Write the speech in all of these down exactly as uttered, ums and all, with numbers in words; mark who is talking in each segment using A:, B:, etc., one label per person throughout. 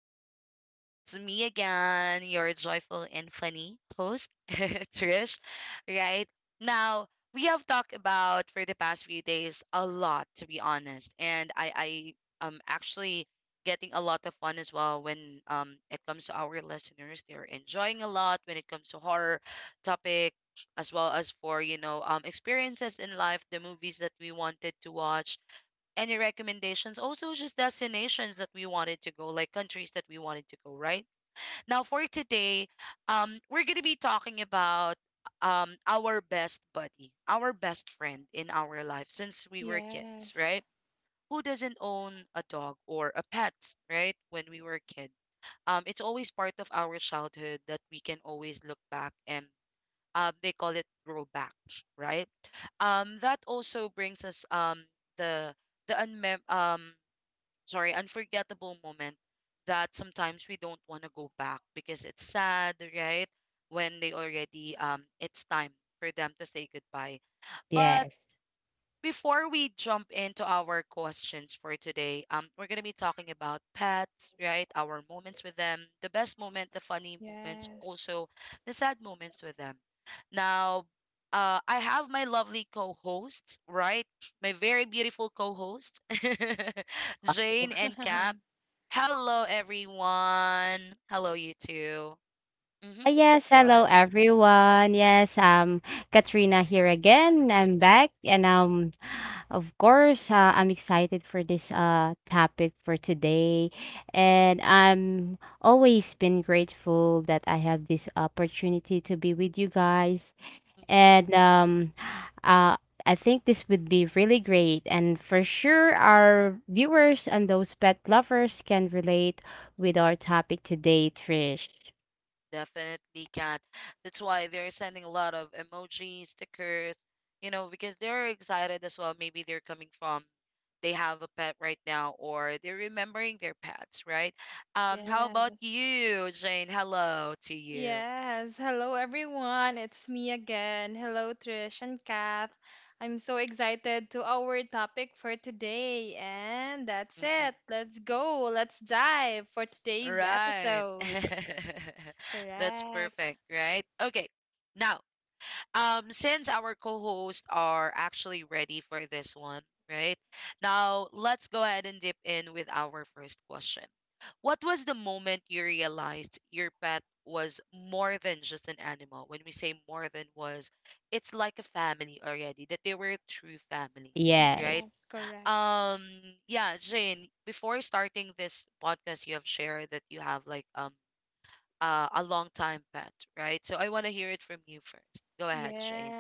A: listeners. It's me again, your joyful and funny host, Trish. Right now, we have talked about for the past few days a lot, to be honest, and I I am actually getting a lot of fun as well when um it comes to our listeners. They're enjoying a lot when it comes to horror topic, as well as for you know um experiences in life, the movies that we wanted to watch, any recommendations, also just destinations that we wanted to go, like countries that we wanted to go right now. For today, um we're going to be talking about um our best buddy, our best friend in our life since we were kids, right? Who doesn't own a dog or a pet, right? When we were a kid, um it's always part of our childhood that we can always look back, and um they call it throwback, right? um that also brings us um the the unmem- um sorry, unforgettable moment that sometimes we don't want to go back because it's sad, right? When they already, um it's time for them to say goodbye. But
B: Yes.
A: before we jump into our questions for today, um we're going to be talking about pets, right? Our moments with them, the best moment, the funny moments, also the sad moments with them. Now, uh, I have my lovely co-hosts, right? My very beautiful co-hosts, Jane
B: Ah,
A: and Cap. Hello, everyone. Hello, you two. Mm-hmm.
B: yes,
A: Go
B: hello
A: ahead.
B: everyone. Yes, um, Katrina here again. I'm back, and um, of course, uh, I'm excited for this uh topic for today, and I'm always been grateful that I have this opportunity to be with you guys,
A: Mm.
B: and um, uh, I think this would be really great. And for sure, our viewers and those pet lovers can relate with our topic today, Trish.
A: Definitely can't. That's why they're sending a lot of emojis, stickers, you know, because they're excited as well. Maybe they're coming from, they have a pet right now, or they're remembering their pets, right? Um, how about you, Jane? Hello to you. Mm-mm. Right. That's perfect, right? Okay. Now, um since our co-hosts are actually ready for this one, right now, let's go ahead and dip in with our first question. What was the moment you realized your pet was more than just an animal? When we say more than, was it's like a family already, that they were a true family, right?
B: Yes.
A: um yeah, Jane, before starting this podcast, you have shared that you have like um uh, a long time pet, right? So i want to hear it from you first. Go ahead, Shane.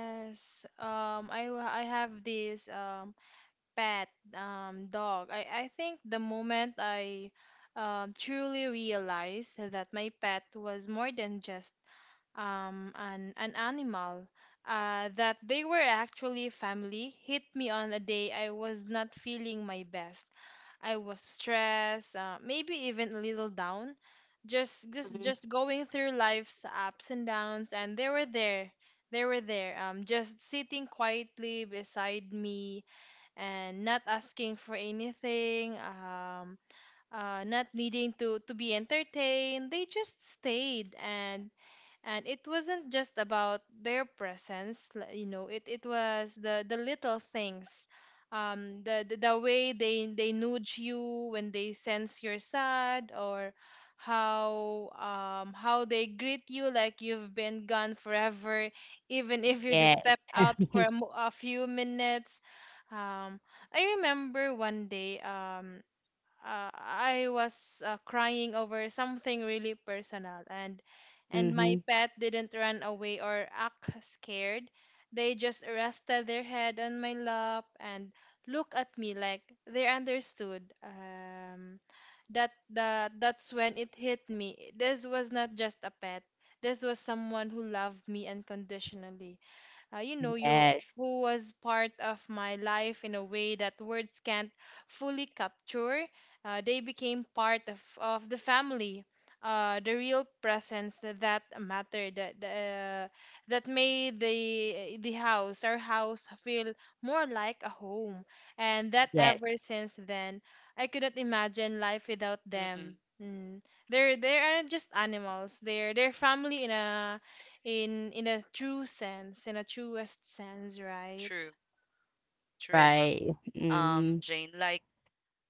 B: Mhm. Yes. Mm-hmm. Yes. Yes.
A: Mm-mm. True. True enough.
B: Right.
A: Um,
B: Mm-hmm.
A: Jane, like,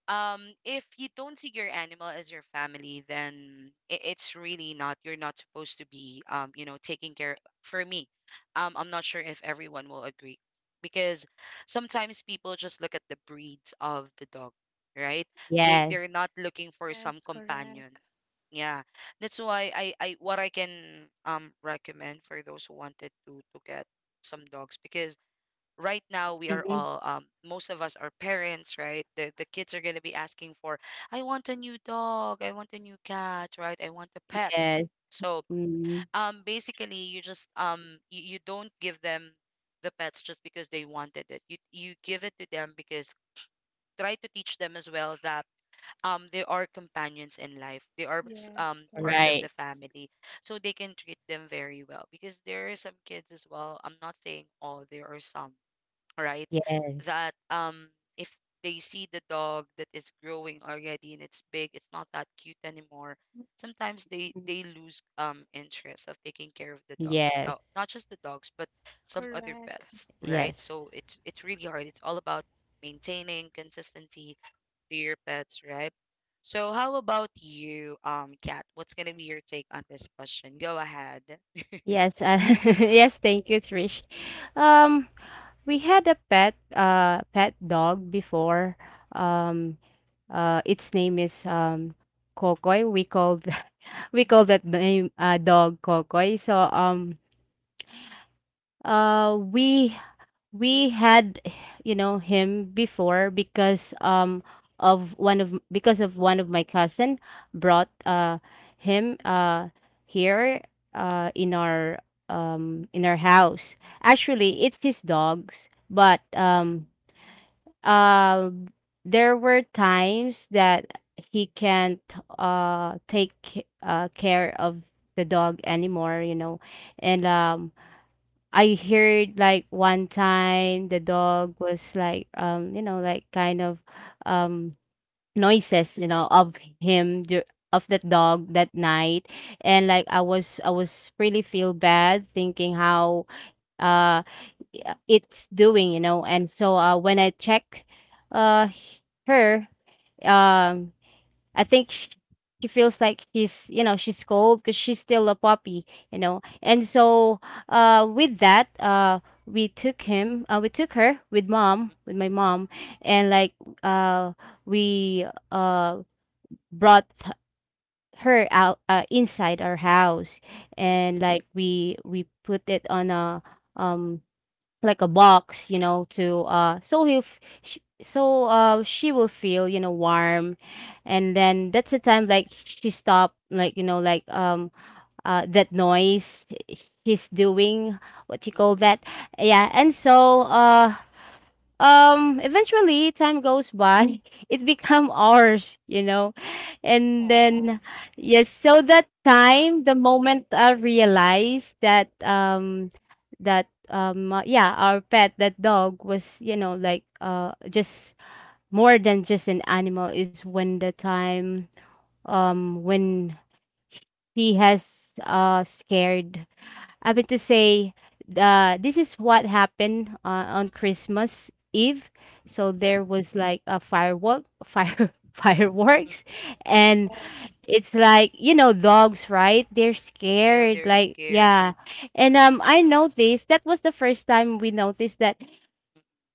A: um, if you don't see your animal as your family, then it, it's really not. You're not supposed to be, um, you know, taking care. For me, um, I'm not sure if everyone will agree, because sometimes people just look at the breeds of the dog, right? They
B: Yes.
A: they're not looking for some companion. Yeah, that's why I I what I can um recommend for those who wanted to to get some dogs, because right now we are
B: Mm-hmm.
A: all, um most of us are parents, right? The the kids are going to be asking for, I want a new dog, I want a new cat, right? I want a pet.
B: Yes.
A: So,
B: Mm-hmm.
A: um basically you just, um you, you don't give them the pets just because they wanted it, you you give it to them because, try to teach them as well that um they are companions in life, they are s- um part of the
B: Right.
A: family, so they can treat them very well. Because there are some kids as well, I'm not saying all, there are some, right?
B: Yes.
A: That, um if they see the dog that is growing already and it's big, it's not that cute anymore. Sometimes they
B: Mhm.
A: they lose um interest of taking care of the dogs. Uh,
B: Yes.
A: not just the dogs, but some other pets, right?
B: Yes.
A: So it's it's really hard. It's all about maintaining consistency to your pets, right? So how about you, um, Kat? What's gonna be your take on this question? Go ahead.
B: Yes. Uh, yes. Thank you, Trish. Um. We had a pet uh pet dog before. Um uh its name is um Kokoy. We called we call that name uh, dog Kokoy. So um uh we we had you know him before because um of one of because of one of my cousin brought uh him uh here uh in our um in our house. Actually, it's his dogs, but um um there were times that he can't uh take ca- uh care of the dog anymore, you know, and um I heard like one time the
A: Mm,
B: dog was like um you know like kind of um noises, you know, of him dur- of the dog that night. And like i was i was really feel bad thinking how uh uh, it's doing, you know. And so uh, when I check uh, h- her, um, I think sh she feels like she's, you know, she's cold because she's still a puppy, you know. And so uh, with that, uh, we took him, uh, we took her with mom, with my mom, and like uh, we uh, brought h- her out, uh, inside our house,
A: mm,
B: and
A: mm,
B: like we we put it on a um like a box, you know, to uh so he'll f- sh- so uh she will feel, you know, warm. And then that's the time like she stopped, like, you know, like um uh that noise she's doing, what you call
A: mm,
B: that, yeah. And so uh um eventually time goes by, it become ours, you know. And
A: mm,
B: then yes, so that time the moment I realized that um that um uh, yeah, our pet, that dog, was, you know, like uh
A: mm, mm.
B: just more than just an animal is when the time um when he has uh scared, I mean to say, uh, this is what happened uh, on Christmas Eve. So there was like a firework, fire
A: Aw.
B: fireworks, and it's like, you know, dogs, right? They're
A: You know,
B: scared,
A: they're
B: like,
A: scared.
B: yeah. And um, I noticed that was the first time we noticed that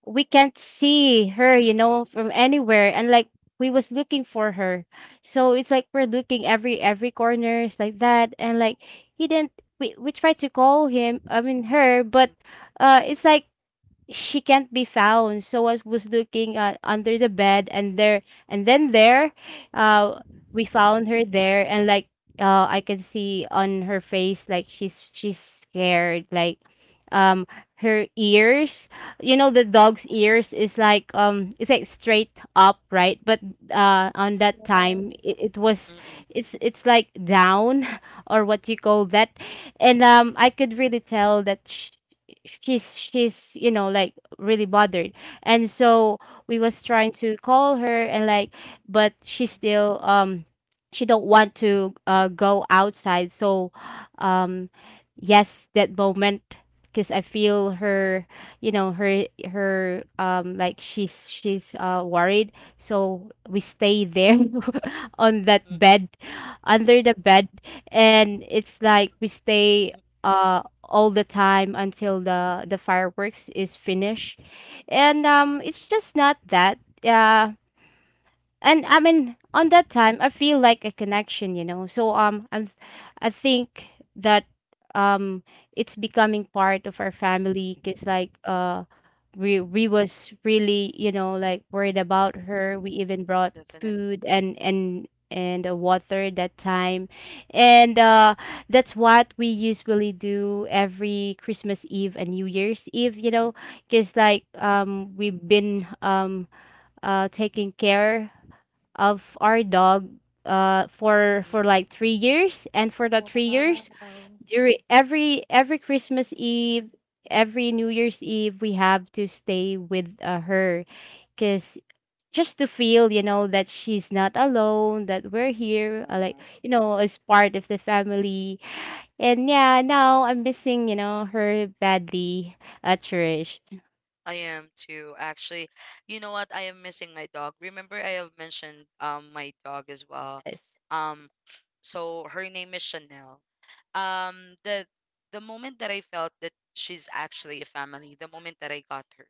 B: we can't see her, you know, from anywhere. And like we was looking for her. So it's like we're looking every every corner, it's like that. And like he didn't we, we tried to call him, I mean her, but uh it's like she can't be found. So I was looking uh, under the bed, and there, and then there, uh,
A: Mm.
B: we found her there. And like, uh, I could see on her face like she's she's scared, like, um, her ears, you know, the dog's ears is like um, it's like straight up, right? But uh, on that time, it, it was,
A: Mm-mm, mm-mm,
B: it's it's like down, or what you call that, and um, I could really tell that she's she's you know like really bothered. And so we was trying to call her, and like, but she still um she don't want to uh go outside. So um yes, that moment, because I feel her, you know, her her um like she's she's uh worried. So we stay there, on that
A: mm-mm,
B: bed, under the bed, and it's like we stay uh all the time until the the fireworks is finished. And um
A: mm-mm,
B: it's just not that uh and I mean on that time I feel like a connection, you know. So um I'm I think that um it's becoming part of our family, because like
A: mm-mm,
B: uh we we was really, you know, like worried about her. We even brought
A: definitely.
B: food and and and uh, water that time. And uh that's what we usually do every Christmas Eve and New Year's Eve, you know, because like um we've been um uh taking care of our dog uh for for
A: Mm-mm.
B: like three years. And for that three years, during every every Christmas Eve, every New Year's Eve, we have to stay with uh, her, because just to feel, you know, that she's not alone, that we're here, uh, like,
A: Aw.
B: you know, as part of the family. And yeah, now I'm missing, you know, her badly, uh Trish.
A: I am too, actually. You know what? I am missing my dog. Remember, I have mentioned um my dog
B: Yes.
A: as well. Um, So her name is Chanel. Um, the the moment that I felt that she's actually a family, the moment that I got her,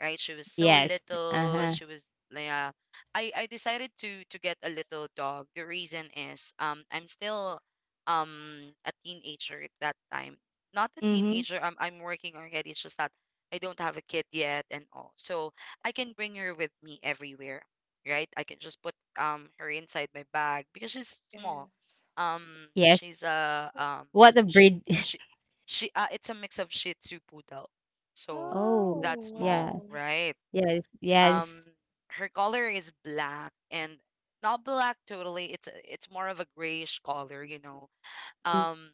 A: right? She was so
B: Yes.
A: little.
B: Uh-huh.
A: She was, yeah. I I decided to to get a little dog. The reason is, um I'm still um a teenager at that time. Not a
B: Mm-hmm.
A: teenager. I'm I'm working already. It's just that I don't have a kid yet and all. So I can bring her with me everywhere, right? I can just put um her inside my bag because she's small. Um,
B: Yes.
A: she's a um
B: What a
A: she
B: breed?
A: she she uh it's a mix of Shih Tzu poodle. So
B: Oh,
A: that
B: yeah.
A: small, right?
B: Yes,
A: Um,
B: yes.
A: her color is black and, not black totally. It's a- it's more of a grayish color, you know.
B: Mm,
A: Um,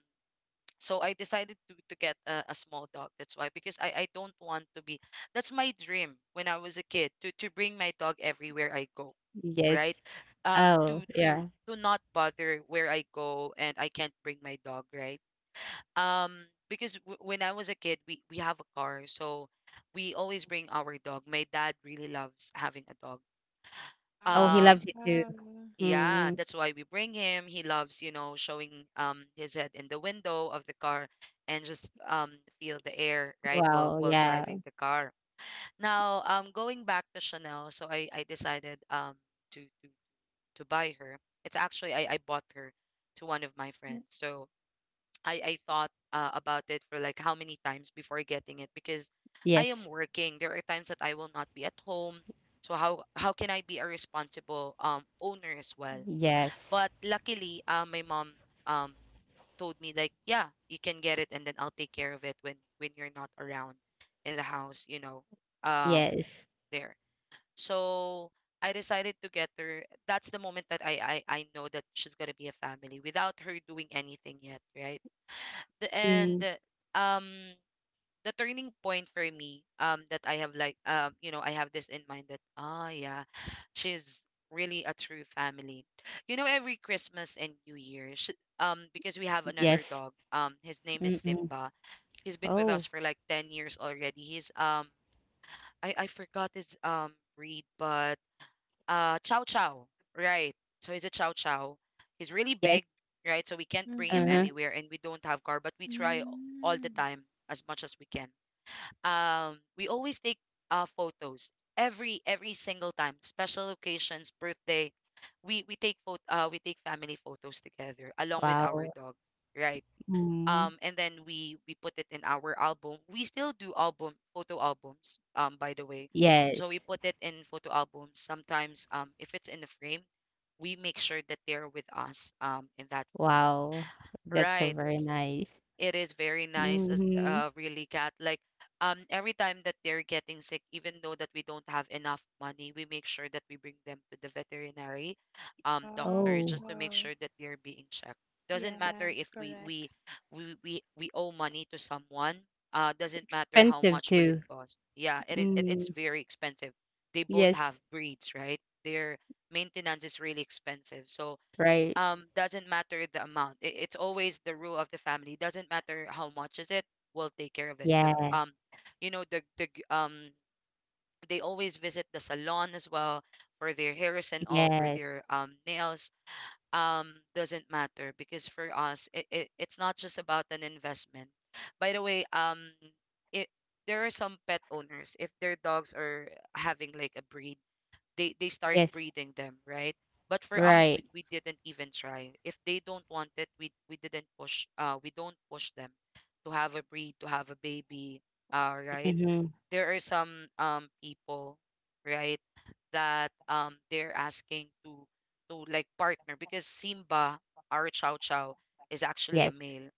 A: so I decided to to get a, a small dog. That's why, because I I don't want to be. That's my dream when I was a kid, to to bring my dog everywhere I go,
B: yes.
A: right? Um,
B: Oh,
A: to
B: yeah.
A: to to not bother where I go and I can't bring my dog, right? Um, because w- when I was a kid, we we have a car, so we always bring our dog. My dad really loves having a dog.
B: Oh, he
A: Um,
B: loves it too.
A: yeah,
B: Mm,
A: that's why we bring him. He loves, you know, showing um his head in the window of the car, and just um feel the air, right, while
B: wow,
A: while
B: yeah.
A: driving the car. Now, um, going back to Chanel, so I I decided um to to to buy her. It's actually I I bought her to one of my friends. So I I thought, uh, about it for like how many times before getting it, because I am
B: Yes.
A: working. There are times that I will not be at home. So how how can I be a responsible um owner as well?
B: Yes.
A: But luckily, uh, my mom, um told me like, yeah, you can get it, and then I'll take care of it when when you're not around in the house, you know, um
B: Yes.
A: there. So I decided to get her. That's the moment that I I I know that she's gonna be a family without her doing anything yet, right? the, and
B: Mm,
A: uh, um the turning point for me, um that I have like, um you know, I have this in mind that, ah, yeah, she's really a true family, you know. Every Christmas and New Year, sh um because we have another
B: yes.
A: dog, um his name is
B: Mm-mm.
A: Simba. He's been with us
B: Oh,
A: for like ten years already. He's, um I I forgot his um breed, but uh chow chow, right? So he's a chow chow, he's really big,
B: yes.
A: right? So we can't bring him
B: Uh-huh.
A: anywhere, and we don't have car, but we try all the time, as much as we can. um we always take uh photos every every single time, special occasions, birthday. We we take photo, uh we take family photos together along with our
B: Wow.
A: dog, right? Um,
B: Mm,
A: and then we we put it in our album. We still do album, photo albums, um by the way. So we
B: yes.
A: put it in photo albums. Sometimes, um if it's in the frame, we make sure that they're with us um in that photo,
B: Wow. That's
A: right.
B: so very nice.
A: It is very nice, as
B: Mm-hmm.
A: uh really cat like. Um, every time that they're getting sick, even though that we don't have enough money, we make sure that we bring them to the veterinary um doctor, just
B: Oh,
A: to make sure that they're being checked. Doesn't matter if we we we we, we owe money to someone. Uh, doesn't matter how
B: expensive
A: much will it
B: too.
A: cost. Yeah, it, it it's
B: Mm,
A: very expensive. They both have
B: yes.
A: breeds, right? Their maintenance is really expensive, so
B: Right.
A: um doesn't matter the amount. I- it's always the rule of the family. Doesn't matter how much is it, we'll take care of it. The
B: Yeah.
A: um You know, the the g- um they always visit the salon as well for their hairs and all, for
B: Yeah.
A: their um nails. Um, doesn't matter, because for us, it, it, it's not just about an investment, by the way. um it, there are some pet owners, if their dogs are having like a breed, they they start
B: Yes.
A: breeding them, right? But for us, we,
B: Right.
A: we didn't even try. If they don't want it, we we didn't push. Uh, we don't push them to have a breed, to have a baby. Uh, right?
B: Mm-hmm.
A: There are some, um people, right, that, um they're asking to to like partner, because Simba, our Chow Chow, is actually a
B: Yes.
A: male.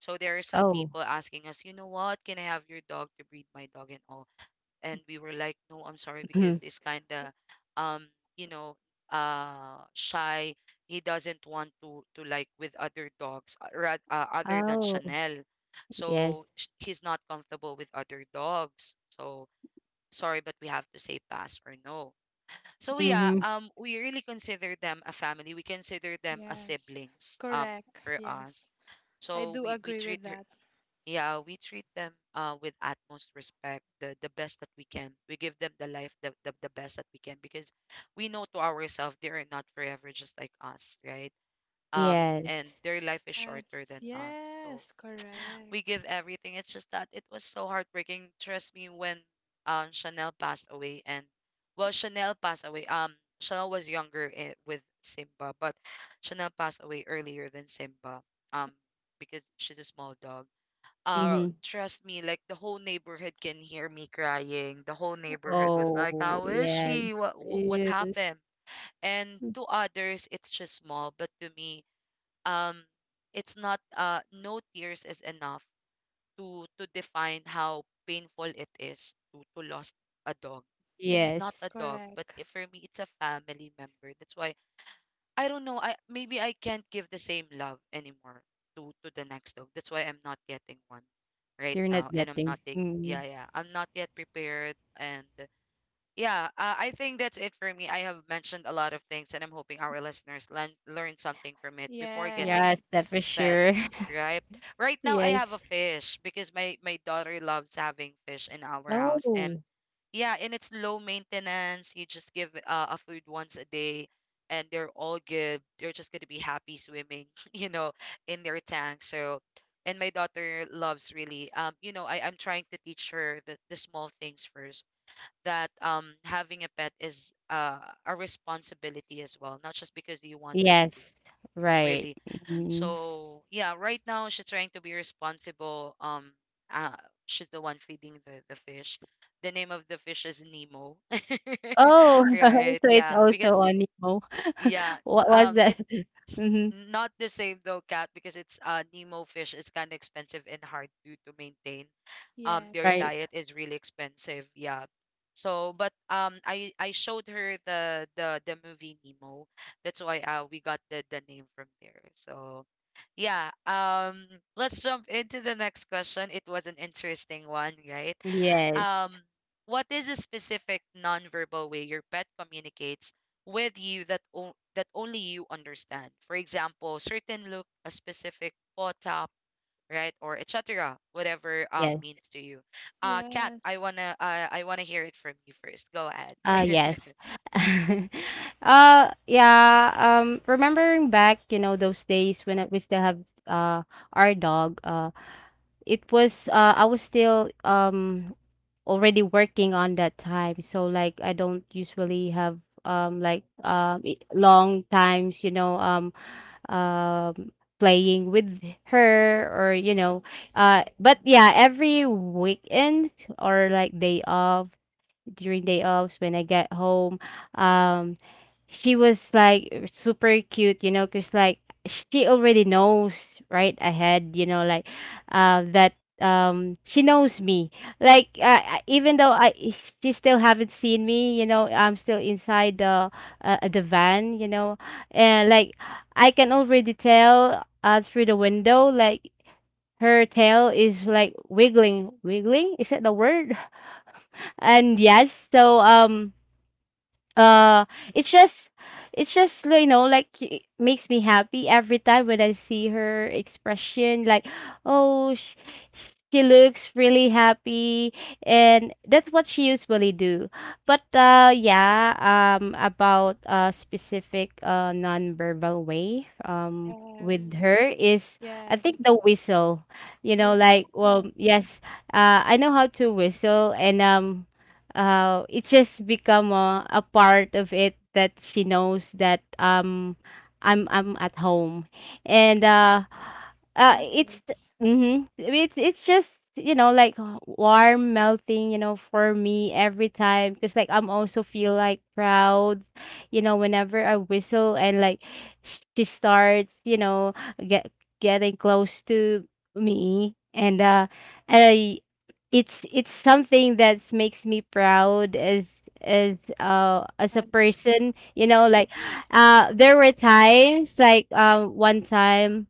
A: So there are some
B: Oh.
A: people asking us, you know what, can I have your dog to breed my dog and all? And we were like, no, I'm sorry, because
B: Mhm.
A: this kind of um you know uh shy, he doesn't want to to like with other dogs uh, ra- uh, other than
B: Oh,
A: Chanel, so
B: yes.
A: sh- he's not comfortable with other dogs. So sorry, but we have to say pass or no. So yeah,
B: Mhm.
A: um we really consider them a family. We consider them as siblings. Um for us, so we we treat her yeah, we treat them uh, with utmost respect, the, the best that we can. We give them the life, the, the, the best that we can, because we know to ourselves they are not forever, just like us, right? Um, and
B: Yes.
A: their life is shorter than us. So we give everything. It's just that it was so heartbreaking. Trust me, when um, Chanel passed away, and well, Chanel passed away. Um, Chanel was younger, eh, with Simba, but Chanel passed away earlier than Simba. Um, because she's a small dog, uh
B: Mhm.
A: trust me, like the whole neighborhood can hear me crying. The whole neighborhood was like,
B: Oh,
A: how is she,
B: yes.
A: what what, what
B: Yes.
A: happened? And
B: Mm.
A: to others it's just small, but to me, um it's not, uh no tears is enough to to define how painful it is to to lost a dog. It's not a
B: Yes.
A: dog, but if for me, it's a family member. That's why I don't know. I maybe I can't give the same love anymore to to the next dog. That's why I'm not getting one right
B: You're
A: now,
B: not
A: and I'm not
B: getting.
A: take. Yeah,
B: Mm.
A: yeah. I'm not yet prepared, and yeah. Uh, I think that's it for me. I have mentioned a lot of things, and I'm hoping our listeners learn learn something from it before getting
B: Yes, that for sure.
A: pets. Right. Right now, I have a
B: Yes.
A: fish because my my daughter loves having fish in our house, and
B: Oh,
A: yeah, and it's low maintenance. You just give uh, a food once a day, and they're all good. They're just going to be happy swimming, you know, in their tank. So, and my daughter loves really. Um, you know, I I'm trying to teach her the the small things first. That um having a pet is uh a responsibility as well, not just because you wanted to
B: yes. Right.
A: really.
B: Mhm.
A: So yeah, right now she's trying to be responsible. Um, uh, she's the one feeding the, the fish. The name of the fish is Nemo.
B: Oh,
A: Right?
B: so it's
A: Yeah,
B: also
A: because
B: on Nemo.
A: yeah,
B: What was
A: um, it
B: that? Mhm.
A: not the same though, Cat, because it's uh Nemo fish. It's kind of expensive and hard to to maintain. Um their
B: Right.
A: diet is really expensive, yeah. So but um i I showed her the the the movie Nemo. That's why uh we got the the name from there. So yeah, um let's jump into the next question. It was an interesting one, right?
B: Yes.
A: Um, what is a specific nonverbal way your pet communicates with you that o- that only you understand? For example, certain look, a specific paw tap, right? Or et cetera, whatever um
B: Yes.
A: means to you. Uh, Kat, I wanna uh, I wanna hear it from you first. Go ahead.
B: Uh, yes. Uh, yeah, um, remembering back, you know, those days when I- we still have uh our dog, uh, it was uh I was still um already working on that time. So like I don't usually have um like um i- long times, you know, um um playing with her or you know, uh but yeah, every weekend or like day off, during day offs, when I get home. Um, she was like super cute, you know, because like she already knows right ahead, you know, like uh, that um she knows me, like uh, I- even though I she still haven't seen me, you know, I'm still inside the uh, uh, the van, you know. And like I can already tell uh through the window like her tail is like wiggling wiggling, is that the word? And yes, so um uh it's just it's just you know like it makes me happy every time when I see her expression, like, oh, she, she looks really happy, and that's what she usually do. But uh yeah, um about a specific uh non-verbal way um with her is, I think the whistle, you know, like, well, yes, uh I know how to whistle, and um uh, it's just become a, a part of it that she knows that um I'm I'm at home, and uh, uh it's mm-hmm, it's it's just, you know, like warm melting, you know, for me every time, because like I'm also feel like proud, you know, whenever I whistle, and like she starts, you know, get getting close to me, and uh I it's it's something that makes me proud as as uh as a person, you know, like uh there were times like um one time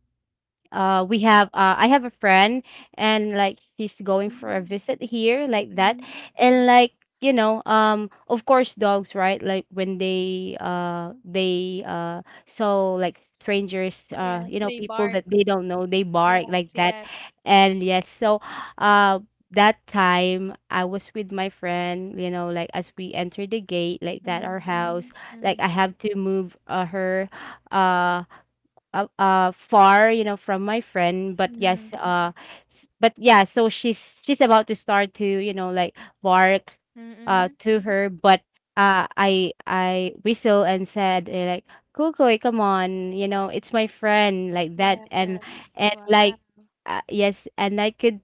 B: uh we have uh I have a friend, and like she's going for a visit here, like that. And like, you know, um of course dogs, right, like when they uh they uh so like strangers, uh you know, people that they don't know, they bark, like that. And yes, so uh that time I was with my friend, you know, like as we entered the gate, like that, our house, like I have to move uh, her uh uh, uh far, you know, from my friend. But yes, uh s- but yeah, so she's she's about to start to, you know, like bark uh to her. But uh i i whistle and said, eh, like, Kukui, come on, you know, it's my friend, like that. and and like, uh, yes, and I could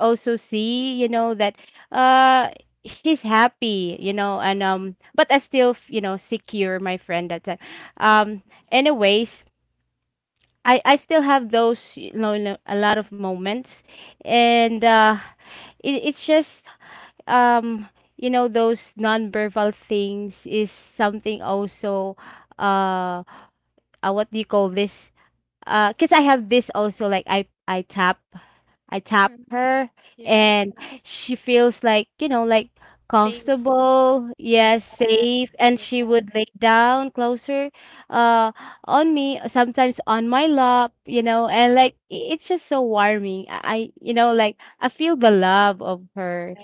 B: also see, you know, that uh she's happy, you know. And um but I still, you know, secure my friend that time. um anyways, I I still have those, you know, you know, a lot of moments, and uh, it, it's just um you know those nonverbal things is something also uh, uh what do you call this, uh because I have this also like I I tap, I tap her, and she feels like, you know, like comfortable, yes, safe, and she would lay down closer uh on me, sometimes on my lap, you know. And like i- it's just so warming. I, I- you know, like I feel the love of her,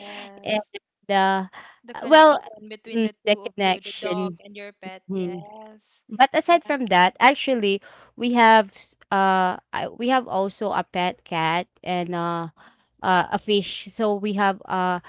B: and uh well, mm, the connection. Hmm. But aside from that, actually, we have s- uh I- we have also a pet cat, and uh, uh a fish. So we have uh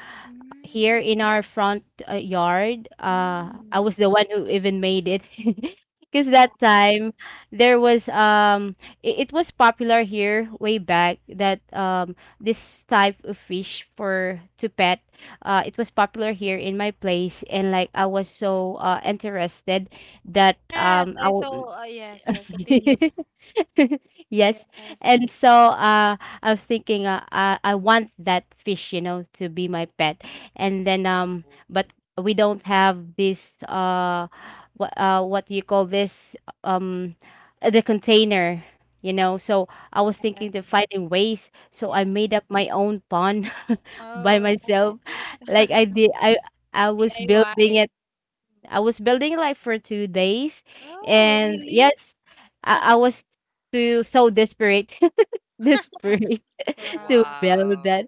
B: here in our front uh, yard. Uh, I was the one who even made it. Because that time there was um it, it was popular here way back that um this type of fish for to pet uh it was popular here in my place and like I was so uh interested that um I will yes and so uh I was thinking, uh, I I want that fish, you know, to be my pet. And then um
A: Oh,
B: but we don't have this uh what, uh what do you call this? um uh, the container, you know. So I was thinking of finding ways, so I made up my own pond by myself. like I did I I was building, I was building life for two days, and yes, I, I was too so desperate, the spirit. To build
A: wow,
B: that.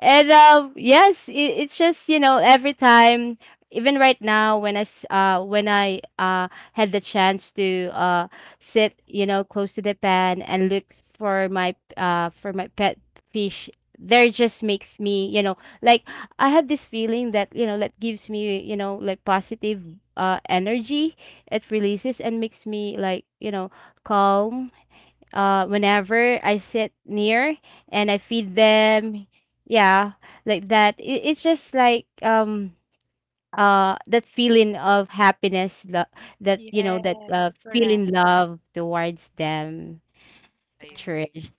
B: And um, yes, it, it's just, you know, every time, even right now when I s- uh when I uh had the chance to uh sit, you know, close to the pan and look for my uh for my pet fish, there just makes me, you know, like I have this feeling that, you know, that gives me, you know, like positive uh energy. It releases and makes me like, you know, calm uh whenever I sit near and I feed them. Yeah, like that. It, it's just like um uh that feeling of happiness, lo- that, you know, that uh feeling love towards them,
A: I agree.
B: Trish.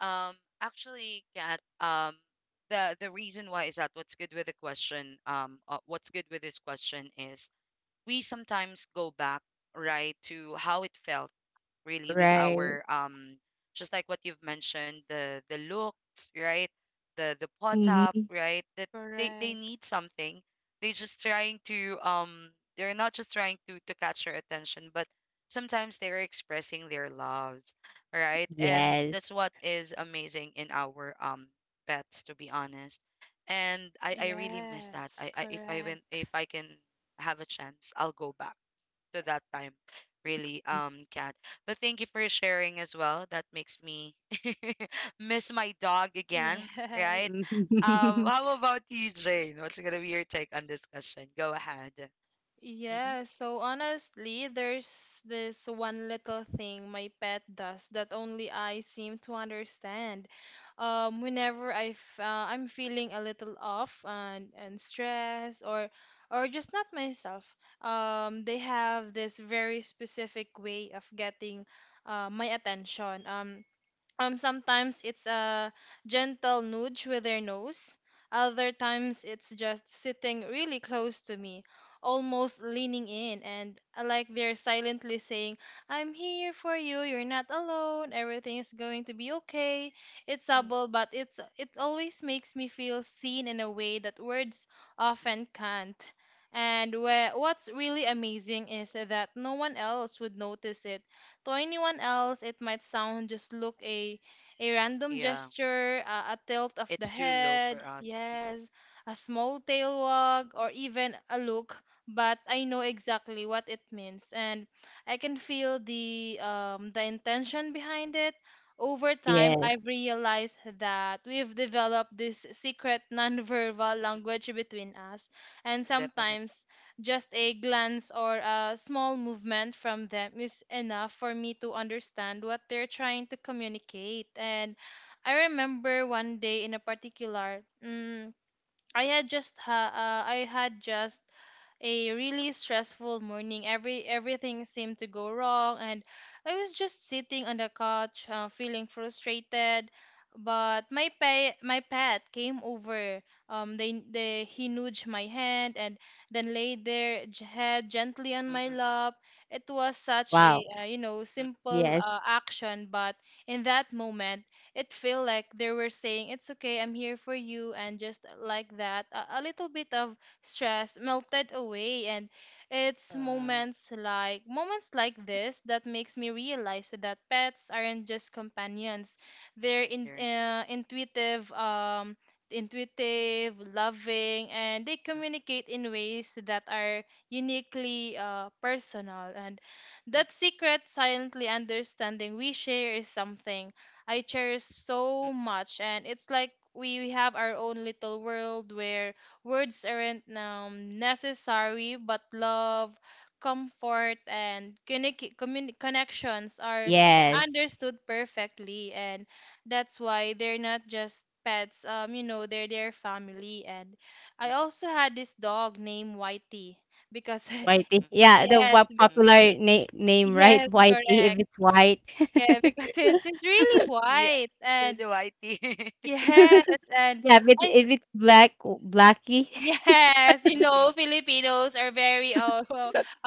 A: Um, actually, Kat, um, the the reason why is that what's good with the question, um, uh, what's good with this question is we sometimes go back, right, to how it felt really with
B: Right.
A: our um, just like what you've mentioned, the the looks, right, the the pot up,
B: Mm-hmm.
A: right, that they they need something. They just trying to um, they're not just trying to to catch your attention, but sometimes they're expressing their loves, right? And
B: Yes.
A: that's what is amazing in our um pets, to be honest. And i I really miss that. i, I if I win, if I can have a chance, I'll go back to that time, really, um, Cat. But thank you for sharing as well. That makes me miss my dog again, right? Um, how about you, Jane? What's gonna be your take on this question? Go ahead. Mm-hmm. Yeah, it's too low for us.
B: Yes.
A: Mm-mm, definitely. Mm-mm,
B: Wow.
A: mm-mm.
B: Yes.
A: Oh, there it- Mm, mm, mm, mm,
B: Yes.
A: mm,
B: Whitey.
A: mm, mm,
B: Yeah, the what
A: mm.
B: popular na- name, right? Whitey, if it's white.
A: Yeah, the, the whitey.
B: Yeah, with eh, with Black Blackie.
A: Mm-mm,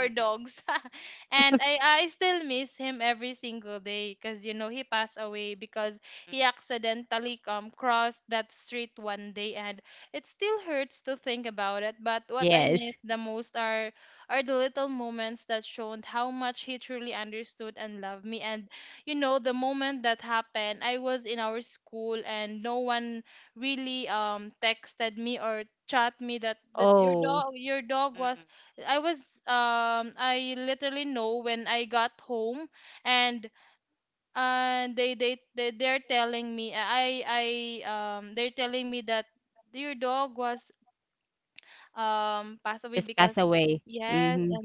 A: mm-mm,
B: Yes.
A: mm-mm,
B: Oh,
A: mm-mm,
B: just pass away. Mhm.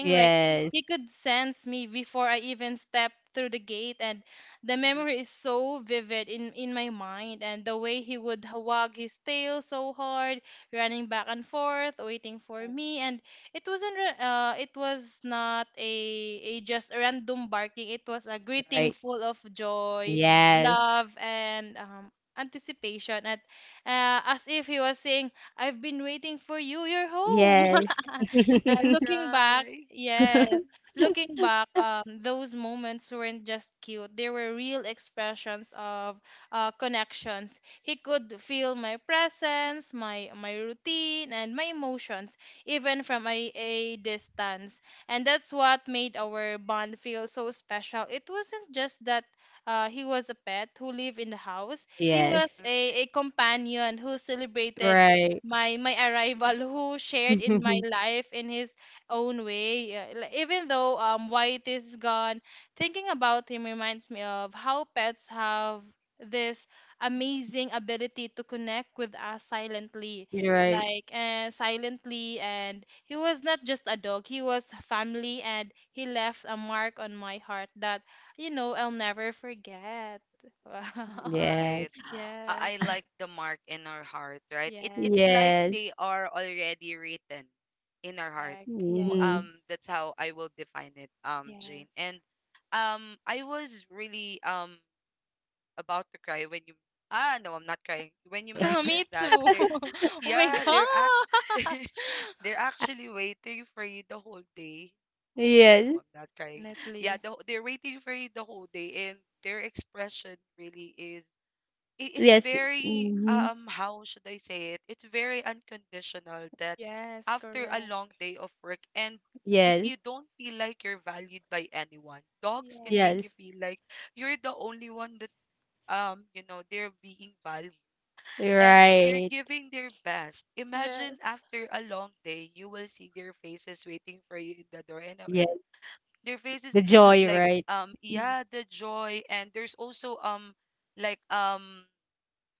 B: Yes,
A: mm-mm.
B: right. Yes. Yes.
A: I'm gonna cry. Mm,
B: Yes. Right.
A: mm,
B: You're right. Yes.
A: right. I, I like the mark in our heart, right? It it's like
B: Yes.
A: they are already written in our heart. M- Um,
B: Mhm.
A: that's how I will define it, um, Jane. And um, I was really um about to cry when you, ah, no, I'm not crying. When you mentioned that there, yeah, they're act, they're actually waiting for you the whole day. Oh my god, no,
B: Yes.
A: I'm not crying. Yeah, the, they're waiting for you the whole day, and their expression really is, it, it's
B: Yes.
A: very
B: Mhm.
A: um, how should I say it? It's very unconditional that after a long day of work and if
B: Yes.
A: you don't feel like you're valued by anyone, dogs can make
B: Yes.
A: you feel like you're the only one that um, you know, they're being valued, and they're
B: Right.
A: giving their best. Imagine after a long day, you will see their faces waiting for you in the door, and, uh, and
B: Yes.
A: their faces
B: The
A: l- l-
B: joy,
A: like
B: right?
A: um,
B: Mhm.
A: yeah, the joy, and there's also um, like um,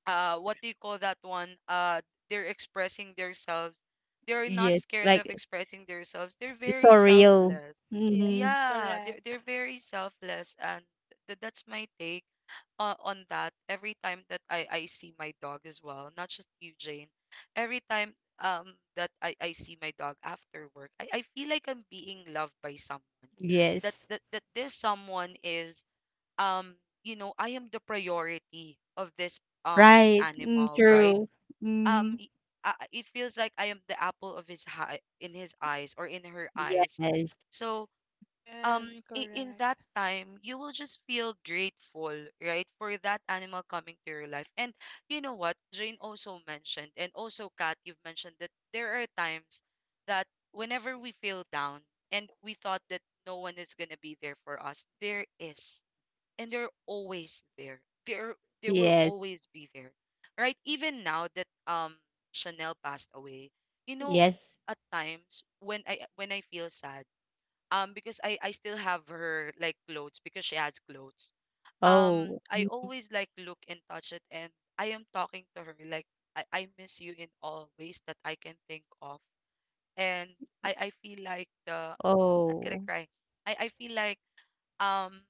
A: uh, what do you call that one? Uh, they're expressing themselves. They're not
B: Yes.
A: scared of
B: Like
A: expressing themselves. They're
B: it's
A: very
B: so real.
A: selfless.
B: Mhm.
A: Yeah, they're they're very selfless, and th- that's my take uh, on that every time that I, I see my dog as well, not just you, Jane. Every time um that I, I see my dog after work, I, I feel like I'm being loved by someone. That,
B: Yes.
A: that that this someone is um, you know, I am the priority of this um
B: Right. Mm,
A: animal, right?
B: true.
A: Um
B: Mm.
A: y- uh, uh, it feels like I am the apple of his eye in his eyes or in her eyes.
B: Yes.
A: So um, i- in that time you will just feel grateful, right, for that animal coming to your life. And you know what Jane also mentioned, and also Kat, you've mentioned that there are times that whenever we feel down and we thought that no one is going to be there for us, there is, and they're always there. There there will
B: Yes.
A: always be there, right? Even now that um Chanel passed away, you know,
B: Yes.
A: at times when I when I feel sad, um, because I I still have her like clothes, because she has clothes. Um,
B: Oh.
A: I
B: Mm.
A: always like look and touch it, and I am talking to her like, I, I miss you in all ways that I can think of. And I, I feel like the, no, I'm not gonna
B: Oh.
A: cry. I, I feel like um,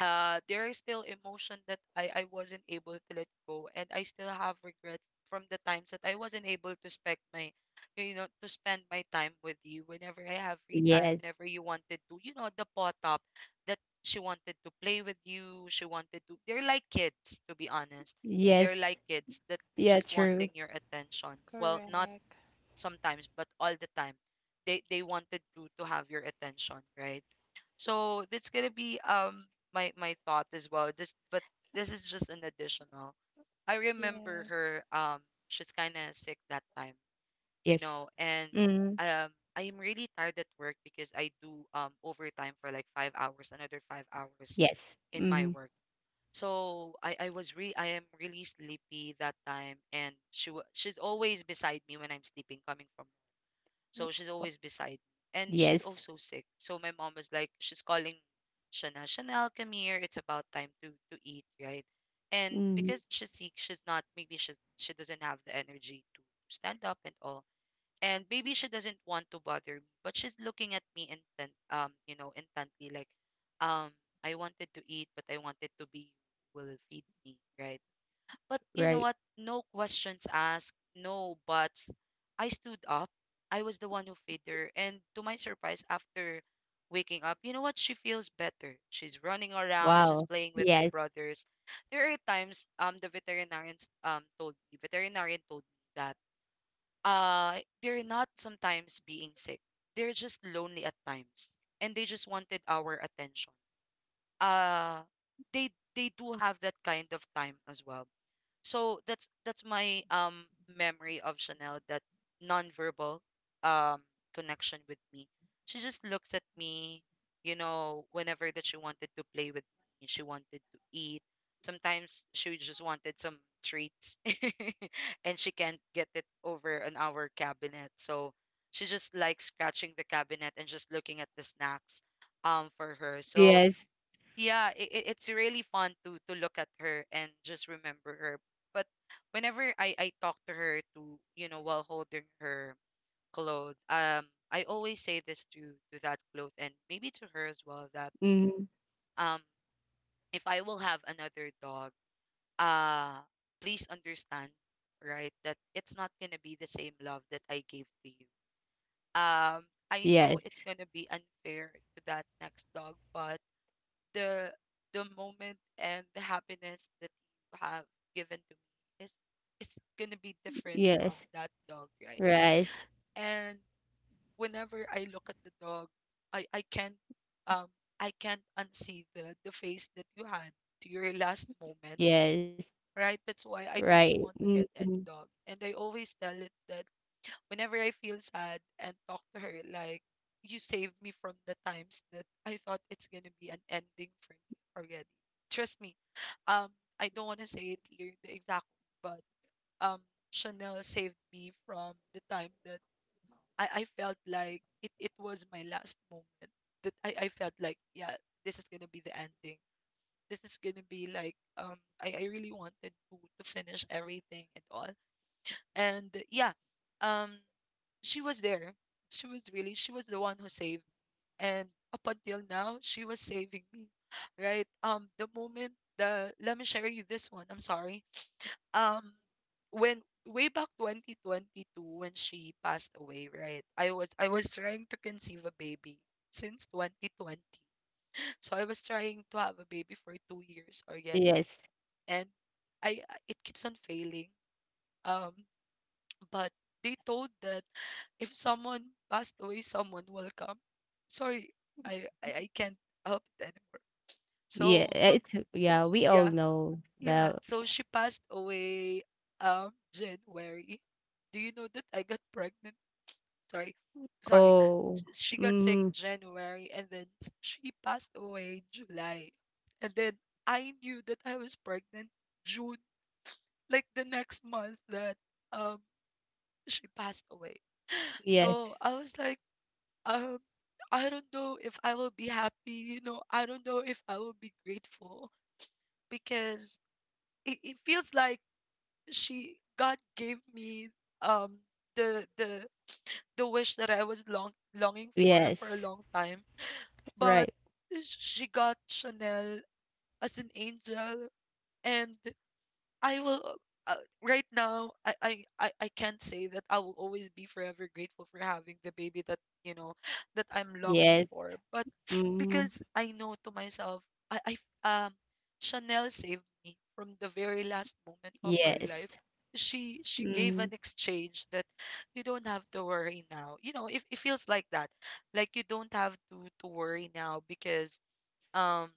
A: uh, there is still emotion that I I wasn't able to let go, and I still have regrets from the times that I wasn't able to spend my, you know, to spend my time with you whenever I have free time,
B: Yes.
A: whenever you wanted to, you know, the pot up that she wanted to play with you, she wanted to, they're like kids, to be honest. They're like
B: Yes.
A: kids that
B: Yeah,
A: just wanting
B: true.
A: your attention. Well, not sometimes, but all the time they they wanted to to have your attention, right? So that's gonna be um my my thought as well. This, but this is just an additional. I remember her um, she's kinda sick that time, you
B: Yes.
A: know, and
B: Mm.
A: um I am really tired at work because I do um overtime for like five hours, another five hours
B: Yes.
A: in my
B: Mm.
A: work. So I, I was re, I am really sleepy that time, and she wa she's always beside me when I'm sleeping, coming from, so she's always beside me. And she's
B: Yes.
A: also sick. So my mom was like, she's calling Chanel, Chanel, come here. It's about time to to eat, right? And
B: Mm.
A: because she's sick, she's not, maybe she she doesn't have the energy to stand up and all. And maybe she doesn't want to bother me, but she's looking at me intent um, you know, intently like, um, I wanted to eat, but I wanted to be, you will feed me, right? But you know
B: Right.
A: what? No questions asked, no buts. I stood up. I was the one who fed her. And to my surprise, after waking up, you know what? She feels better. She's running around. She's
B: Wow.
A: playing with my
B: Yes.
A: brothers. There are times um the veterinarian um told me, veterinarian told me that uh they're not sometimes being sick. They're just lonely at times, and they just wanted our attention. Uh, they they do have that kind of time as well. So that's that's my um memory of Chanel, that nonverbal um connection with me. She just looks at me, you know, whenever that she wanted to play with me, she wanted to eat. Sometimes she just wanted some treats and she can't get it over on our cabinet. So she just likes scratching the cabinet and just looking at the snacks um for her. So
B: Yes.
A: yeah, it, it's really fun to to look at her and just remember her. But whenever i i talk to her to you know while holding her clothes, um I always say this to to that clothes and maybe to her as well that
B: Mm.
A: um if I will have another dog, uh please understand, right, that it's not gonna be the same love that I gave to you. um I
B: Yes.
A: know it's gonna be unfair to that next dog, but the the moment and the happiness that you have given to me is is gonna be different
B: Yes.
A: from that dog, right?
B: Right.
A: And whenever I look at the dog, I I can't um I can't unsee the the face that you had to your last moment,
B: Yes.
A: right? That's why I
B: Right.
A: don't want to get
B: Mm.
A: any dog, and I always tell it that. Whenever I feel sad and talk to her, like, you saved me from the times that I thought it's gonna be an ending for me already. Trust me. Um, I don't want to say it here, the exact word, but um, Chanel saved me from the time that I, I felt like it, it was my last moment. That I, I felt like, yeah, this is gonna be the ending. This is gonna be like um I, I really wanted to, to finish everything and all. And yeah, um she was there. She was really, she was the one who saved. And up until now, she was saving me, right? Um, the moment the let me share you this one. I'm sorry. Um, when way back twenty twenty-two when she passed away, right? I was I was trying to conceive a baby since twenty twenty. So I was trying to have a baby for two years already,
B: Yes.
A: and I I- it keeps on failing. Um, but they told that if someone passed away, someone will come. Sorry, I I, I can't help it anymore.
B: Yeah.
A: So from
B: It's yeah, we all
A: yeah
B: know the
A: yeah, so she passed away um January. Do you know that I got pregnant? Sorry, sorry.
B: Oh,
A: sh- She got sick
B: mhm.
A: January, and then s- she passed away July, and then I knew that I was pregnant June, like the next month that um she passed away.
B: Yes,
A: So I was like, um, I don't know if I will be happy, you know, I don't know if I will be grateful because it, it feels like she God gave me um the the the wish that I was long longing for for a
B: yes.
A: long time. But
B: Right.
A: she got Chanel as an angel, and I will uh, right now, I, I I I can't say that I will always be forever grateful for having the baby that you know that I'm longing
B: Yes.
A: for, but
B: Mhm.
A: because I know to myself, I, I um Chanel saved me from the very last moment of her life.
B: Yes.
A: She she gave an
B: Mhm.
A: exchange that you don't have to worry now, you know, if it feels like that, like you don't have to to worry now because um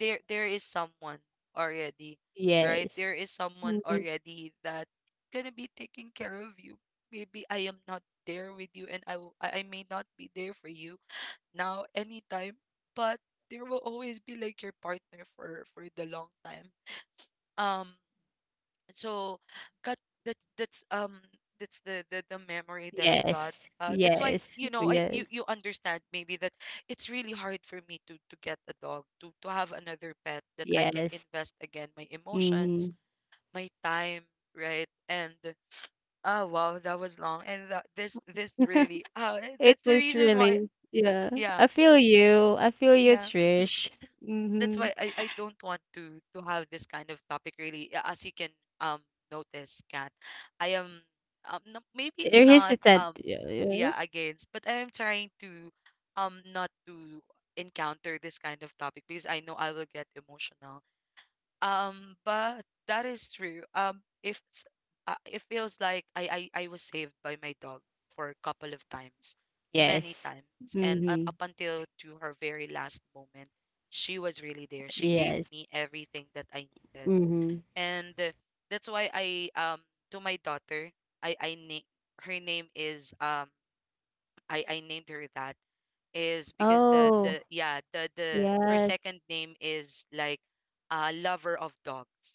A: there there is someone already, right?
B: Yes.
A: There is someone
B: Mhm.
A: already that gonna be taking care of you. Maybe I am not there with you, and I will, I I may not be there for you now anytime, but there will always be like your partner for for the long time. Um so cut that that's um that's the, the the memory that I got.
B: Yes.
A: uh that's why
B: Yes.
A: you know i
B: Yes.
A: you you understand maybe that it's really hard for me to to get a dog, to to have another pet that I can
B: Yes.
A: invest again my emotions,
B: Mhm.
A: my time, right? And oh wow, that was long. And that, this this really uh
B: It
A: that's the
B: was
A: reason why.
B: really, yeah.
A: Yeah,
B: I feel you. I feel you,
A: yeah,
B: Trish.
A: that's
B: Mhm.
A: why I, I don't want to to have this kind of topic really. Yeah, as you can um notice, cat I am, um no, maybe
B: You're
A: not,
B: hesitant.
A: um
B: Yeah, yeah.
A: yeah, against, but I am trying to, um not to encounter this kind of topic because I know I will get emotional, um, but that is true. Um, if s- uh, it feels like I, I I was saved by my dog for a couple of times, many
B: Yes.
A: times, and up,
B: Mhm.
A: up until to her very last moment, she was really there. She gave
B: Yes.
A: me everything that I needed,
B: Mhm.
A: and uh, that's why I um to my daughter, I I na- her name is, um I I named her that is because the
B: Oh,
A: the yeah the the her
B: yes.
A: second name is like a lover of dogs.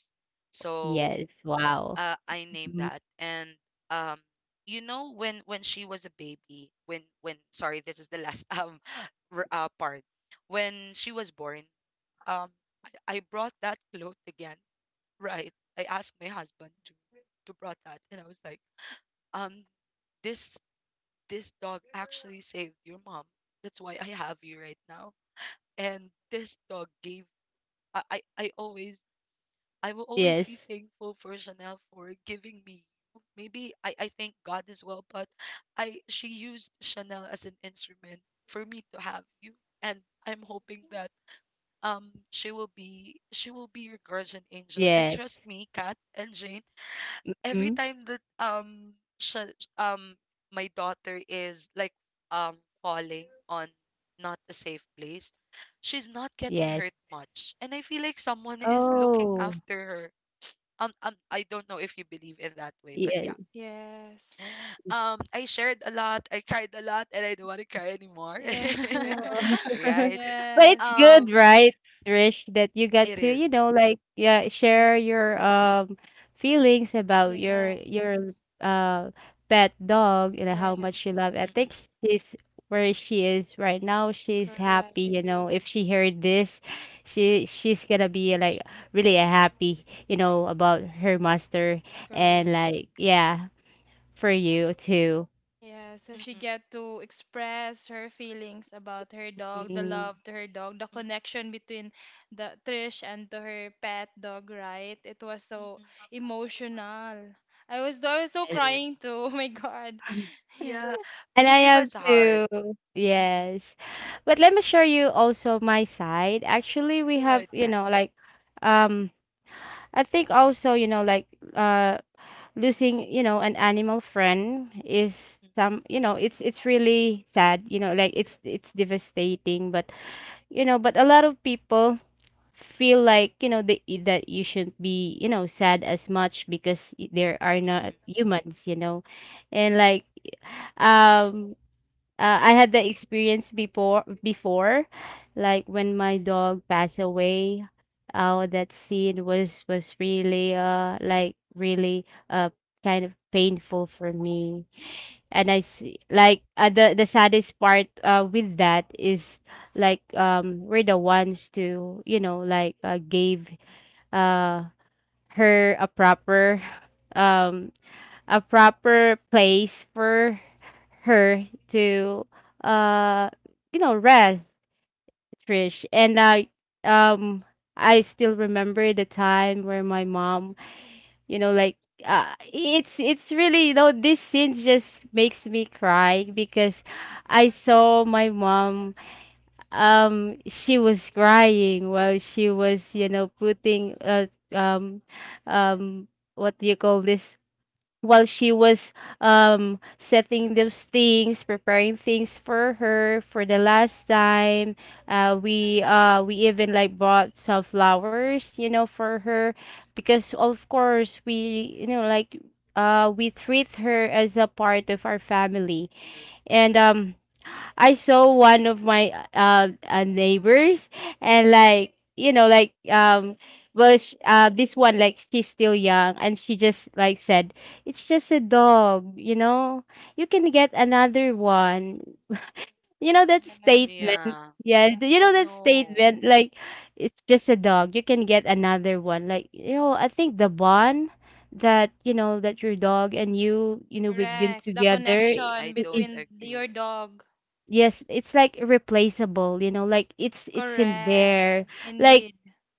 A: So
B: Yes. Wow.
A: uh, I named
B: Mhm.
A: that, and um you know when when she was a baby, when when sorry, this is the last um r- uh, part. When she was born, um I, I brought that cloth again, right? I asked my husband to to brought that, and I was like, um this this dog actually saved your mom. That's why I have you right now. And this dog gave I, I, I always I will always be
B: Yes.
A: thankful for Chanel for giving me you. Maybe I, I thank God as well, but I she used Chanel as an instrument for me to have you. And I'm hoping that um she will be she will be your guardian angel. And
B: Yes.
A: trust me, Kat and Jane,
B: Mm,
A: every time that um sh- um my daughter is like um falling on not a safe place, she's not getting
B: yes.
A: hurt much, and I feel like someone is looking
B: Oh,
A: after her. um, um I don't know if you believe in that way, but
B: yeah.
A: yeah.
C: Yes.
A: um i shared a lot, I cried a lot, and I don't want to cry anymore.
C: Yeah.
B: Wow.
A: Right.
B: But it's
C: Yes.
B: good,
A: um
B: right, Trish, that you got
A: it
B: to,
A: is.
B: you know, like, yeah, share
C: Yes.
B: your um feelings about your
C: Yes.
B: your uh pet dog and how much you
C: Yes.
B: love. I
A: Mm-mm,
B: think she's where she is right now. She's happy,
C: Correct.
B: you know. If she heard this,
A: mm-mm,
B: she she's gonna be like really happy, you know, about her master and
C: Correct.
B: like, yeah. For you to
C: Yeah, so she
A: mm-mm,
C: get to express her feelings about her dog, the
B: Mm.
C: love to her dog, the
A: mm-mm,
C: connection between the Trish and to her pet dog, right? It was so
A: mm-mm.
C: emotional. I was I was so
B: Yes.
A: It is.
C: crying too. Oh my God.
A: Yeah,
C: Yes.
B: And
A: because
B: I
A: it
B: am
A: was hard.
B: too.
A: Mm-mm.
B: Yes. But let me share you also my side. Actually, we have,
A: Good.
B: you know, like, um I think also, you know, like uh losing, you know, an animal friend is
A: Mm,
B: some, you know, it's it's really sad, you know, like it's it's devastating, but you know, but a lot of people feel like, you know, they, that you shouldn't be, you know, sad as much because y- there are
A: mm, mm,
B: not humans, you know, and like um uh, I had the experience before, before like when my dog passed away. Oh, that scene was was really uh like really uh kind of painful for me, and I see like, uh, the the saddest part uh with that is like um we're the ones to, you know, like uh, gave uh her a proper um a proper place for her to uh you know, rest, Trish. And I um I still remember the time where my mom, you know,
A: mm,
B: like uh, it's it's really, you know, this scene just makes me cry because
A: mm, mm,
B: I saw my mom. um she was crying while she was, you know, putting uh, um um what do you call this while she was um
A: mm,
B: setting those things, preparing things for her for the last time. Uh we uh we even like bought some flowers, you know, for her because of course we, you know, like uh we treat her as a part of our family.
A: true.
B: And um I saw one of my uh, uh neighbors and like, you know, like um well sh uh this one like she's still young and she just like said, "It's just a dog, you know. You can get another one," you know, that
C: Yes.
B: statement.
A: Yeah.
B: Yeah, th- you know, that
C: Yes.
A: No,
B: statement like it's just a dog, you can get another one, like, you know, I think the bond that, you know, that your dog and you you know, we've been
C: Correct. The
B: together
C: connection
A: I
B: i- is
A: don't
C: between the- your
A: agree.
C: dog.
B: Yes, it's like replaceable, you know, like it's it's in
C: Correct.
B: there. Like
C: Indeed.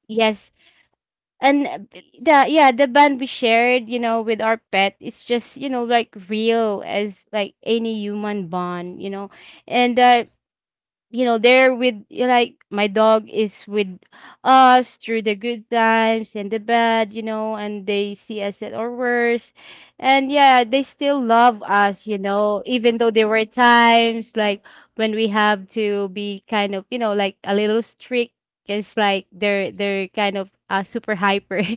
B: yes, and uh,
A: It's
B: b- the yeah, the bond we shared, you know, with our pet, it's just, you know, like real as like any human bond, you know. And uh you know there, with, you know, like my dog is with us through the good times and the bad, you know, and they see us at our worst, and yeah, they still love us, you know, even though there were times like when we have to be kind of, you know, like a little strict. It's like they're they're kind of uh, super hyper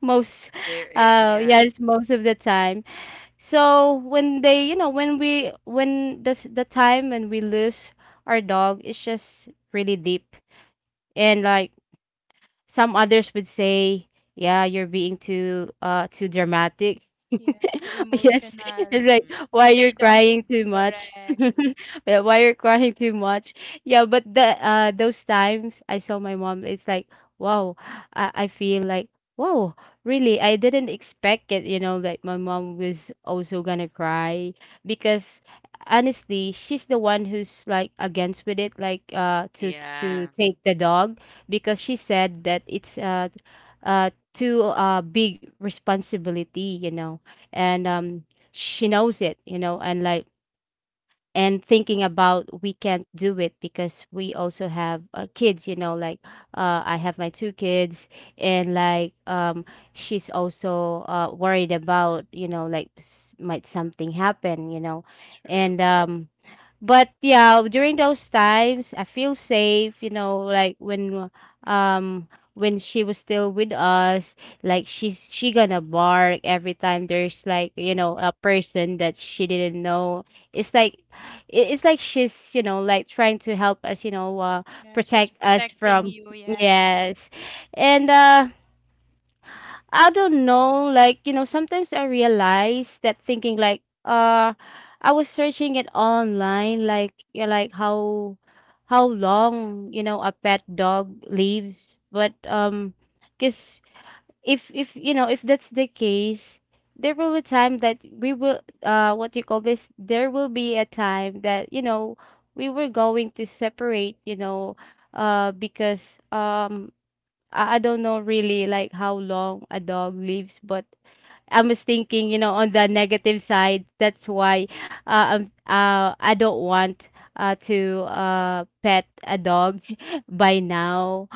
B: most
A: there. eh,
B: uh
A: Yeah.
B: yes, most of the time. So when they, you know, when we, when the s- the time when we lose our dog, it's just really deep, and like some others would say, "Yeah, you're being too uh too dramatic."
C: Yes, so
B: Yes,
C: emotional.
B: it's like,
A: Mm-mm.
C: But
B: why
C: they
B: you're
C: don't.
B: crying too much?
C: Correct.
B: Yeah, why you're crying too much? Yeah, but the uh those times I saw my mom, it's like, wow, I, I feel like, wow, really, I didn't expect it, you know, like my mom was also gonna cry because honestly, she's the one who's like against with it, like uh to to
A: Yeah.
B: take the dog because she said that it's uh uh too uh big responsibility, you know, and um she knows it, you know, and like, and thinking about we can't do it because we also have, uh, kids, you know, like uh, I have my two kids, and like um she's also uh, worried about, you know, like s- might something happen, you know.
A: True.
B: And um but yeah, during those times I feel safe, you know, like when um when she was still with us, like she's she gonna bark every time there's like, you know, a person that she didn't know. It's like it, it's like she's, you know, like trying to help us, you know, uh,
C: Yeah, she's
B: protect us
C: protecting
B: from
C: you. Yes.
B: yes. And uh I
A: Mm-mm.
B: don't know, like, you know, sometimes I realize that thinking like uh I was searching it online like, yeah, like how how long, you know, a pet dog lives, but um because if if you know, if that's the case, there will be time that we will uh what you call this, there will be a time that, you know, we were going to separate, you know, uh because um I, I don't know really like how long a dog lives, but I was thinking, you know, on the negative side. That's why uh, I'm, uh, I don't want uh, to uh, pet a dog by now.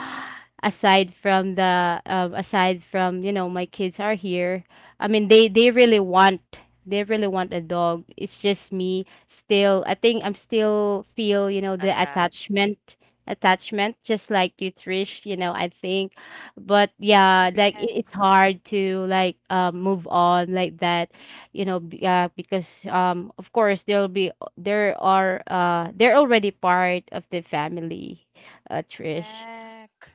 A: Mm-mm.
B: Aside from the, um, aside from, you know, my kids are here. I mean, they they really want, they really want a dog. It's just me still. I think I'm still feel, you know, the
A: Attached.
B: attachment, attachment. Just like you, Trish. You know, I think, but yeah, like it, it's
C: Correct.
B: hard to like um move on like that, you know, b- uh, because um of course there'll be there are uh they're already part of the family, uh Trish.
C: Correct.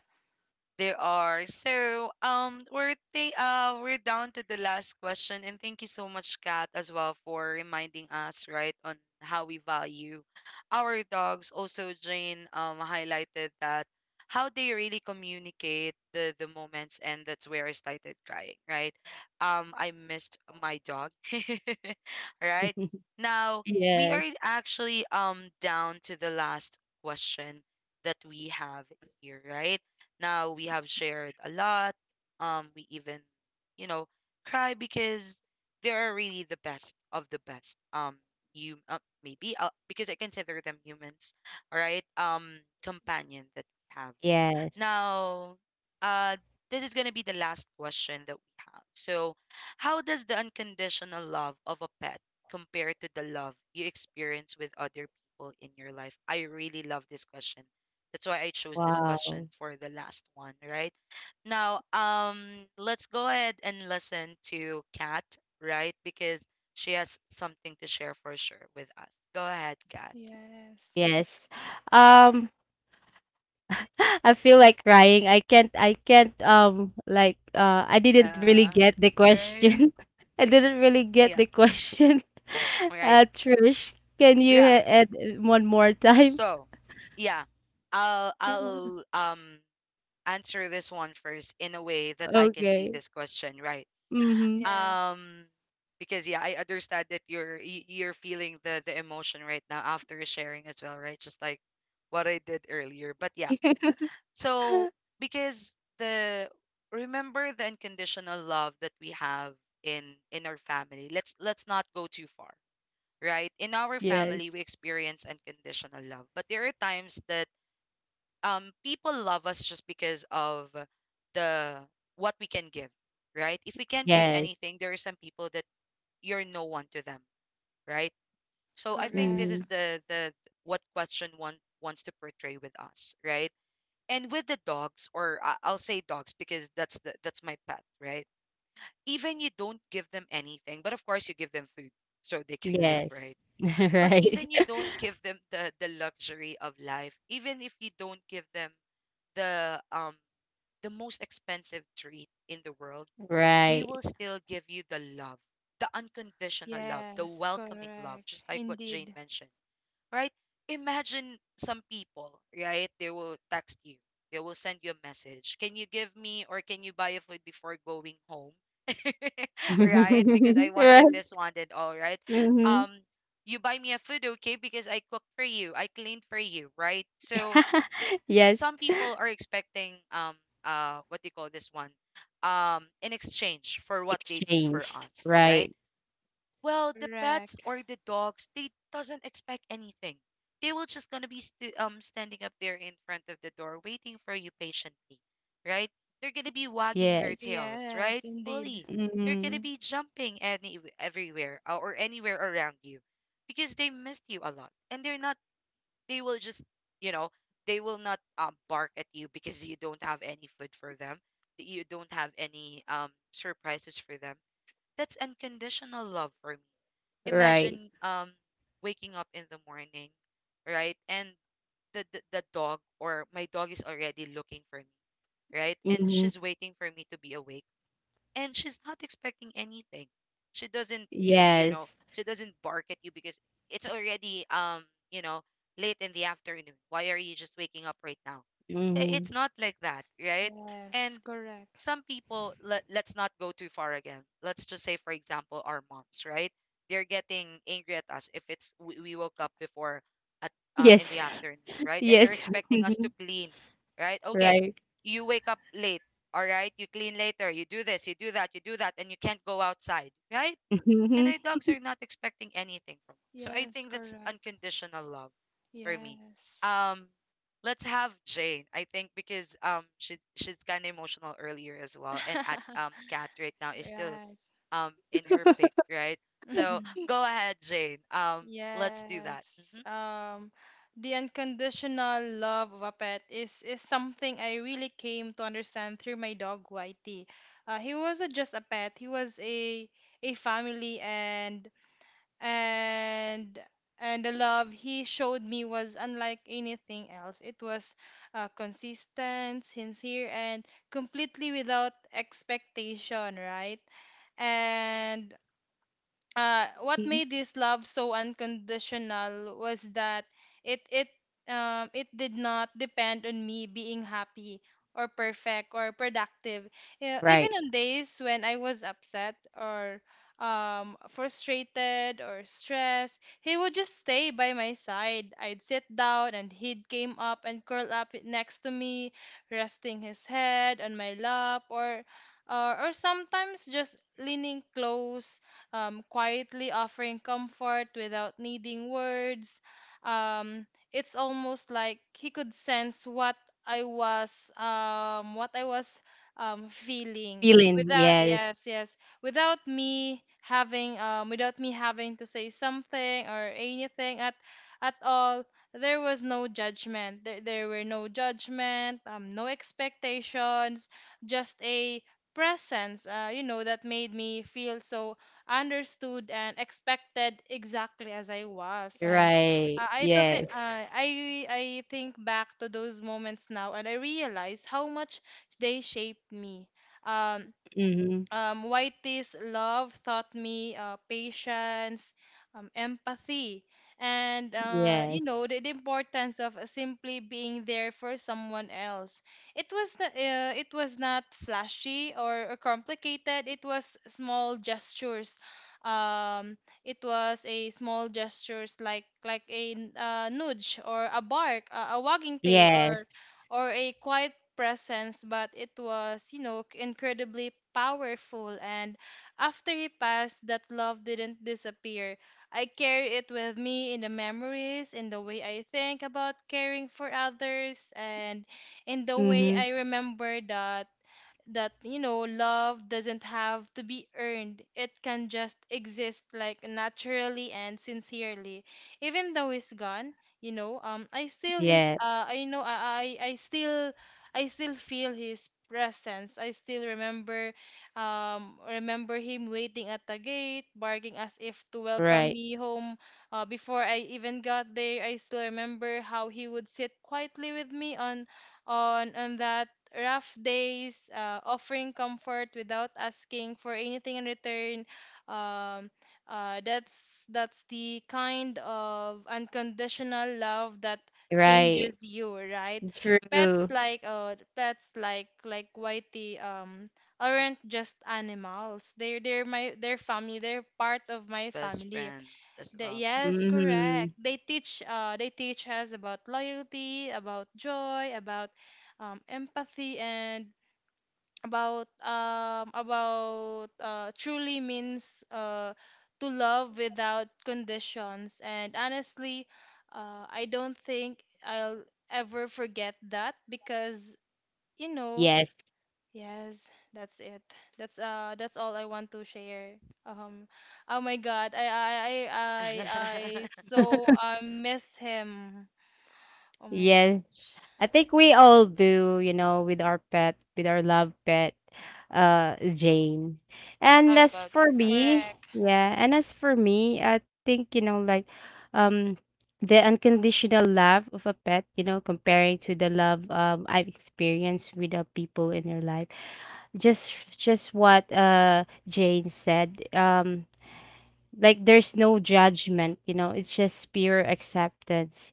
A: There are. So, um, we're th- uh, we're down to the last question, and thank you so much, Kat, as well for reminding us, right, on how we value our dogs. Also, Jane um highlighted that how they really communicate the the moments, and that's where I started crying, right? Um, I missed my dog. Right? Now we are
B: Yes,
A: actually um down to the last question that we have here, right? Now we have shared a lot. Um, we even, you know, cry because they are really the best of the best. Um, you uh, maybe uh, because I consider them humans, all right? Um, companion that we have.
B: yes,
A: Now, uh, this is going to be the last question that we have. So, how does the unconditional love of a pet compare to the love you experience with other people in your life? I really love this question. That's why I chose this question
B: wow,
A: for the last one, right? Now, um, let's go ahead and listen to Kat, right? Because she has something to share for sure with us. Go ahead, Kat.
C: Yes.
B: yes. um I feel like crying. I can't I can't um like uh I didn't really
A: Yeah.
B: get the
A: Right?
B: question. I didn't really get
A: Yeah.
B: the question.
A: All right.
B: Uh Trish, can you
A: Yeah.
B: ha- add one more time?
A: So, yeah, I'll
B: Yeah.
A: I'll um answer this one first in a way that I can see
B: Okay.
A: this question, right?
B: Mhm.
C: Yes.
A: Um, because yeah, I understand that you're y- you're feeling the the emotion right now after sharing as well, right? Just like what I did earlier. But yeah, so because the remember the unconditional love that we have in in our family. Let's let's not go too far, right? In our
B: Yes.
A: family, we experience unconditional love, but there are times that um people love us just because of the what we can give, right? If we can't give
B: Yes.
A: anything, there are some people that you're no one to them, right? So I think this is
B: Mhm.
C: Correct.
A: the the what question one wants to portray with us, right? And with the dogs, or I- I'll say dogs because that's the that's my pet, right? Even you don't give them anything, but of course you give them food so they can live,
B: Yes.
A: right? But
B: Right.
A: even you don't give them the the luxury of life, even if you don't give them the um the most expensive treat in the world, they
B: Right.
A: will still give you the love, the unconditional love, the
C: Yes.
A: welcoming love,
C: Correct.
A: just like what Jane
C: Indeed.
A: mentioned, right? Imagine some people, right? They will text you, they will send you a message. Can you give me, or can you buy a food before going home? Right? Because I wanted
B: Right.
A: this one and all, right?
B: Mhm.
A: Um, you buy me a food, okay? Because I cooked for you, I cleaned for you, right? So
B: Yes.
A: some people are expecting um uh what do you call this one, um in exchange for what they do for
B: Exchange.
A: us, right?
B: Right.
A: Well, the pets
C: Correct.
A: or the dogs, they doesn't expect anything. They will just gonna be st- um standing up there in front of the door waiting for you patiently, right? They're gonna be wagging their
B: Yes.
A: tails right
C: Yes, indeed.
A: fully they're gonna
B: Mhm.
A: be jumping any everywhere, uh, or anywhere around you because they missed you a lot, and they're not, they will just, you know they will not um bark at you because you don't have any food for them, that you don't have any um surprises for them. That's unconditional love for me.
B: Right.
A: Imagine um waking up in the morning, right? And the, the the dog or my dog is already looking for me, right? And
B: Mhm.
A: she's waiting for me to be awake, and she's not expecting anything. She doesn't, you, you know,
B: Yes.
A: she doesn't bark at you because it's already, um, you know, late in the afternoon. Why are you just waking up right now? I- It's
B: Mhm.
A: not like that, right?
C: Yes.
A: And
C: Correct.
A: some people, let, let's not go too far again. Let's just say for example our moms, right? They're getting angry at us if it's we, we woke up before at uh, in the
B: Yes.
A: afternoon, right? And
B: Yes.
A: they're expecting us to
B: Mhm.
A: clean, right? Okay,
B: Right.
A: you wake up late, all right, you clean later, you do this, you do that, you do that, and you can't go outside, right? And
B: Mhm.
A: our dogs are not expecting anything from us. So I
C: Yes,
A: think that's
C: correct.
A: unconditional love for me.
C: Yes.
A: Um, let's have Jane. I think because um she she's kind of emotional earlier as well, and at um Cat right now is still
C: Right.
A: um in her pick, right? So go ahead, Jane. Um, let's do that.
C: Yes.
A: hmm
C: Um, the unconditional love of a pet is is something I really came to understand through my dog Whitey. Uh, he wasn't just a pet; he was a a family, and and and the love he showed me was unlike anything else. It was uh, consistent, sincere, and completely without expectation, right? And uh, what
B: Mhm.
C: made this love so unconditional was that it it um, it did not depend on me being happy or perfect or productive. You know, even
B: Right.
C: on days when I was upset or um, frustrated or stressed, he would just stay by my side. I'd sit down and he'd came up and curl up next to me, resting his head on my lap or or, or sometimes just leaning close, um, quietly offering comfort without needing words. Um, it's almost like he could sense what I was um, what I was um, feeling
B: Feeling.
C: without
B: Yes.
C: yes yes without me having um, without me having to say something or anything at at all. There was no judgment. There, there were no judgment, um, no expectations, just a presence, uh, you know, that made me feel so understood and expected exactly as I was. And
B: Right.
C: uh, I to thi-
B: Yes.
C: uh, I I think back to those moments now, and I realize how much they shaped me. Um,
B: Mhm.
C: um, Whitey's love taught me uh, patience, um, empathy, and uh,
B: Yes.
C: you know the, the importance of uh, simply being there for someone else. It was not, uh, it was not flashy or, or complicated. It was small gestures. Um, it was a small gestures like like a uh, nudge or a bark, a, a wagging tail,
B: Yes.
C: or or a quiet presence, but it was, you know, incredibly powerful. And after he passed, that love didn't disappear. I carry it with me in the memories, in the way I think about caring for others, and in the way
B: Mhm.
C: I remember that that you know love doesn't have to be earned. It can just exist like naturally and sincerely even though he's gone. You know, um I still his
B: Yeah.
C: uh I know I I, I still I still feel his presence. I still remember, um remember him waiting at the gate, barking as if to welcome
B: Right.
C: me home uh, before I even got there. I still remember how he would sit quietly with me on on on that rough days, uh, offering comfort without asking for anything in return. Um, uh, that's that's the kind of unconditional love that
B: Right.
C: changes you, right? Pets
B: True.
C: like uh, pets like like Whitey um aren't just animals. They're they're my they're family. They're part of my
A: Best
C: family.
A: friend as
C: The,
A: well.
C: yes, correct.
B: Mhm.
C: They teach uh they teach us about loyalty, about joy, about um, empathy and about um about uh truly means uh to love without conditions. And honestly, uh I don't think I'll ever forget that because you know.
B: Yes.
C: Yes, that's it. That's uh that's all I want to share. Um oh my God. I I I I, I so I miss him. Oh my
A: Mm,
B: Yes.
C: gosh.
B: I think we all do, you know, with our pet, with our love pet, uh, Jane. And
A: how
B: as
A: about
B: for
A: you,
C: Yes,
A: Kat?
B: me,
C: correct.
B: yeah, and as for me, I think, you know, like, um, the unconditional love of a pet, you know, comparing to the love um I've experienced with the people in your life. Just just what uh Jane said. Um, like there's no judgment, you know, it's just pure acceptance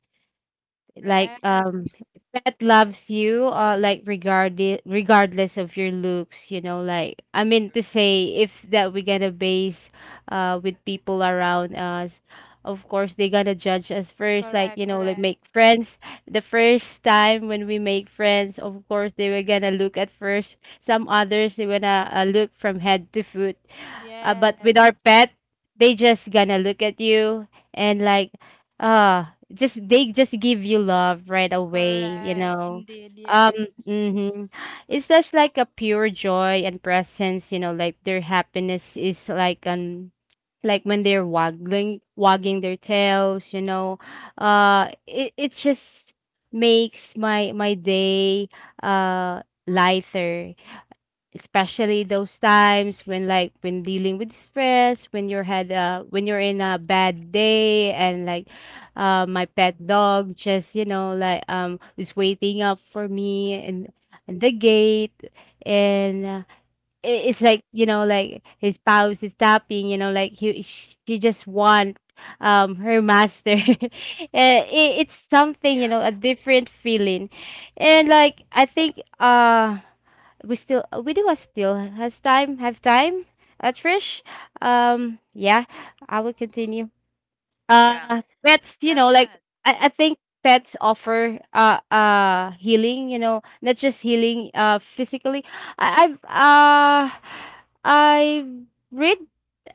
B: like um
C: Correct.
B: pet loves you uh like regardless, regardless of your looks, you know, like I mean to say if that we're gonna base uh with people around us, of course they gonna judge us first, like,
C: Correct,
B: you know, like
C: correct.
B: make friends the first time when we make friends, of course they were gonna look at first, some others they gonna, uh, look from head to foot. uh, but with our
C: Yes.
B: pet, they just gonna look at you, and like, ah, just they just give you love right away, you
C: Correct.
B: know.
C: Indeed.
B: um
C: Yes.
B: hmm it's just like a pure joy and presence, you know, like their happiness is like um like when they're waggling, wagging their tails, you know. Uh it, it just makes my my day uh lighter, especially those times when like when dealing with stress, when you're had uh when you're in a bad day, and like uh my pet dog just, you know, like um is waiting up for me and and the gate, and uh, I- it's like, you know, like his spouse is tapping, you know, like he sh- she just want um her master. Uh, it, it's something, you
A: Yeah,
B: know, a different feeling. And like I
C: Yes.
B: think uh we still uh, we do uh, still has time, have time, uh, Trish. um yeah, I will continue.
A: yeah,
B: uh pets, you
A: yeah,
B: know,
A: go
B: like
A: ahead.
B: i, I think pets offer uh uh healing, you know, not just healing uh physically. I, i've uh i read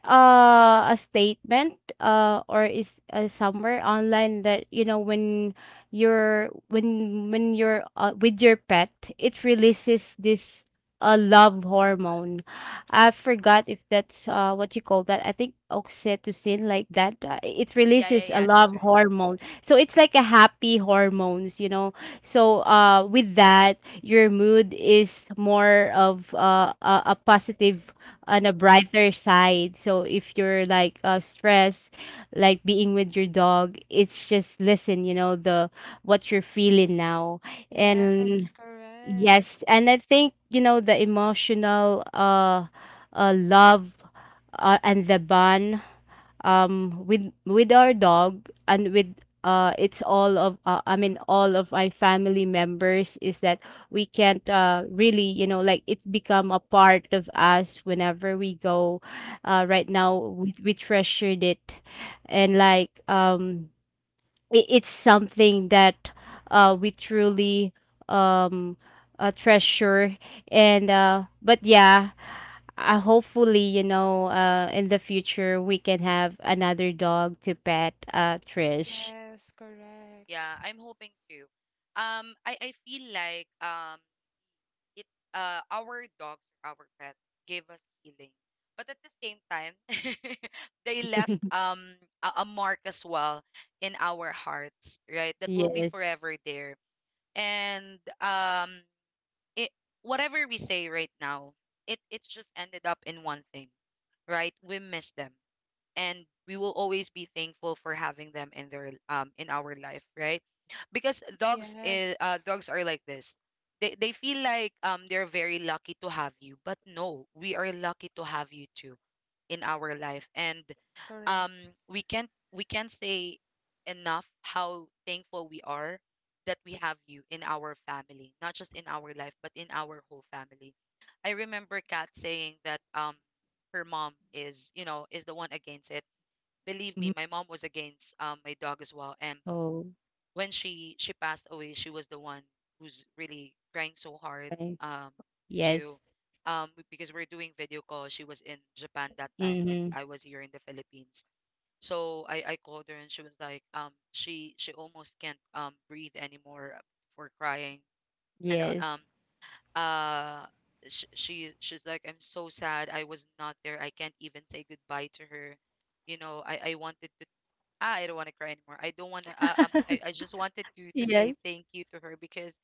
B: uh, a statement, uh, or is uh, somewhere online that, you know, when you're when when you're uh, with your pet, it releases this uh, love hormone. I forgot if that's, uh, what you call that. I think oxytocin, like that. Uh, it
A: Yeah, yeah,
B: releases
A: yeah,
B: a
A: that's
B: love
A: right.
B: hormone, so it's like a happy hormones, you know. So uh, with that, your mood is more of uh, a, a positive on a brighter side. So if you're like, uh, stressed, like being with your dog, it's just listen, you know, the what you're feeling now. And
C: Yes, correct.
B: yes, and I think, you know, the emotional, uh, uh love uh, and the bond um with with our dog and with uh it's all of, uh, I mean all of my family members, is that we can't uh really, you know, like it become a part of us whenever we go. uh right now we, we treasured it, and like um it, it's something that, uh, we truly um, uh, treasure. And uh, but yeah, uh, hopefully, you know, uh, in the future we can have another dog to pet, uh, Trish.
C: Yes, correct.
A: Yeah, I'm hoping to. Um, I, I feel like um it uh our dogs or our pets gave us healing, but at the same time, they left um a, a mark as well in our hearts, right? That will be
B: Yes.
A: forever there. And um it whatever we say right now, it it's just ended up in one thing, right? We miss them, and we will always be thankful for having them in their um in our life, right? Because dogs is
C: Yes,
A: uh dogs are like this. They they feel like um they're very lucky to have you, but no, we are lucky to have you too in our life. And um
C: correct.
A: we can't we can't say enough how thankful we are that we have you in our family, not just in our life but in our whole family. I remember Kat saying that um her mom is, you know is the one against it. Believe me,
B: Mhm.
A: my mom was against um, my dog as well. And
B: Oh,
A: when she she passed away, she was the one who's really crying so hard
B: right.
A: um, to
B: Yes.
A: um, because we're doing video call. She was in Japan that time, and
B: Hmm.
A: I was here in the Philippines. So I, I called her, and she was like, um, she she almost can't um, breathe anymore for crying, and uh,
B: Yes.
A: um uh she, she she's like, I'm so sad. I was not there. I can't even say goodbye to her. You know, I, I wanted to, ah, I don't want to cry anymore. I don't want to. Uh, um, I, I just wanted to to say
B: Yes.
A: thank you to her because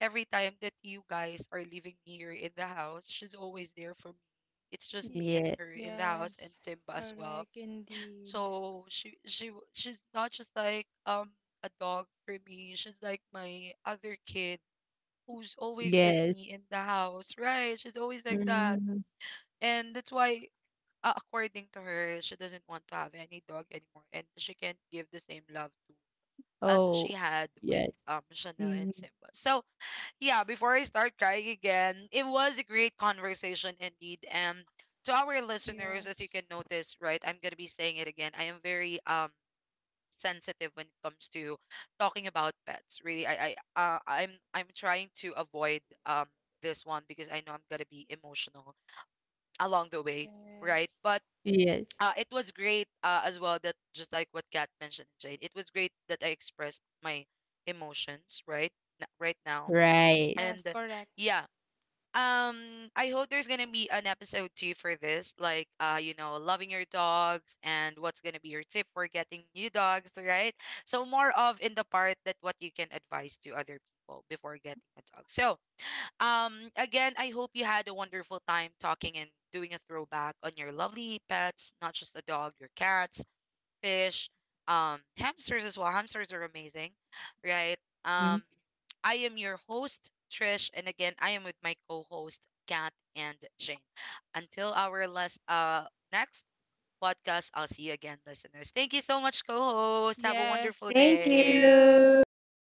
A: every time that you guys are leaving me here in the house, she's always there for me. It's just
C: Y-
A: me and
B: Yeah.
A: her in the house, and
C: Yes,
A: Simba as well.
C: correct indeed.
A: So she she w- she's not just like um a dog for me. She's like my other kid who's always with
B: Yes.
A: me in the house, right? She's always like that,
B: Mhm.
A: and that's why. Uh, according to her, she doesn't want to have any dog anymore, and she can't give the same love as
B: Oh.
A: she had with
B: Yes.
A: um Chanel and
B: Mhm.
A: Simba. So yeah, before I start crying again, it was a great conversation indeed. And to our listeners, as you can
C: Yes.
A: notice, right, I'm gonna be saying it again. I am very um sensitive when it comes to talking about pets. Really, I I uh, I'm I'm trying to avoid um this one because I know I'm gonna be emotional along the way, right?
C: Yes.
A: But
B: Yes.
A: uh, it was great uh, as well that, just like what Kat mentioned, Jade, it was great that I expressed my emotions right n- right now.
B: Right.
A: And
C: Yes, correct.
A: yeah, um, I hope there's gonna be an episode two for this, like uh, you know, loving your dogs and what's gonna be your tip for getting new dogs, right? So more of in the part that what you can advise to other people before getting a dog. So um, again, I hope you had a wonderful time talking and doing a throwback on your lovely pets, not just the dog, your cats, fish, um, hamsters as well. Hamsters are amazing, right?
B: Mm-hmm.
A: Um, I am your host, Trish, and again, I am with my co-host, Kat and Jane. Until our last uh next podcast, I'll see you again, listeners. Thank you so much, co-host. Have a
C: Yes.
A: wonderful
B: Thank
C: Thank
A: day.
C: you.
B: you.
C: Bye.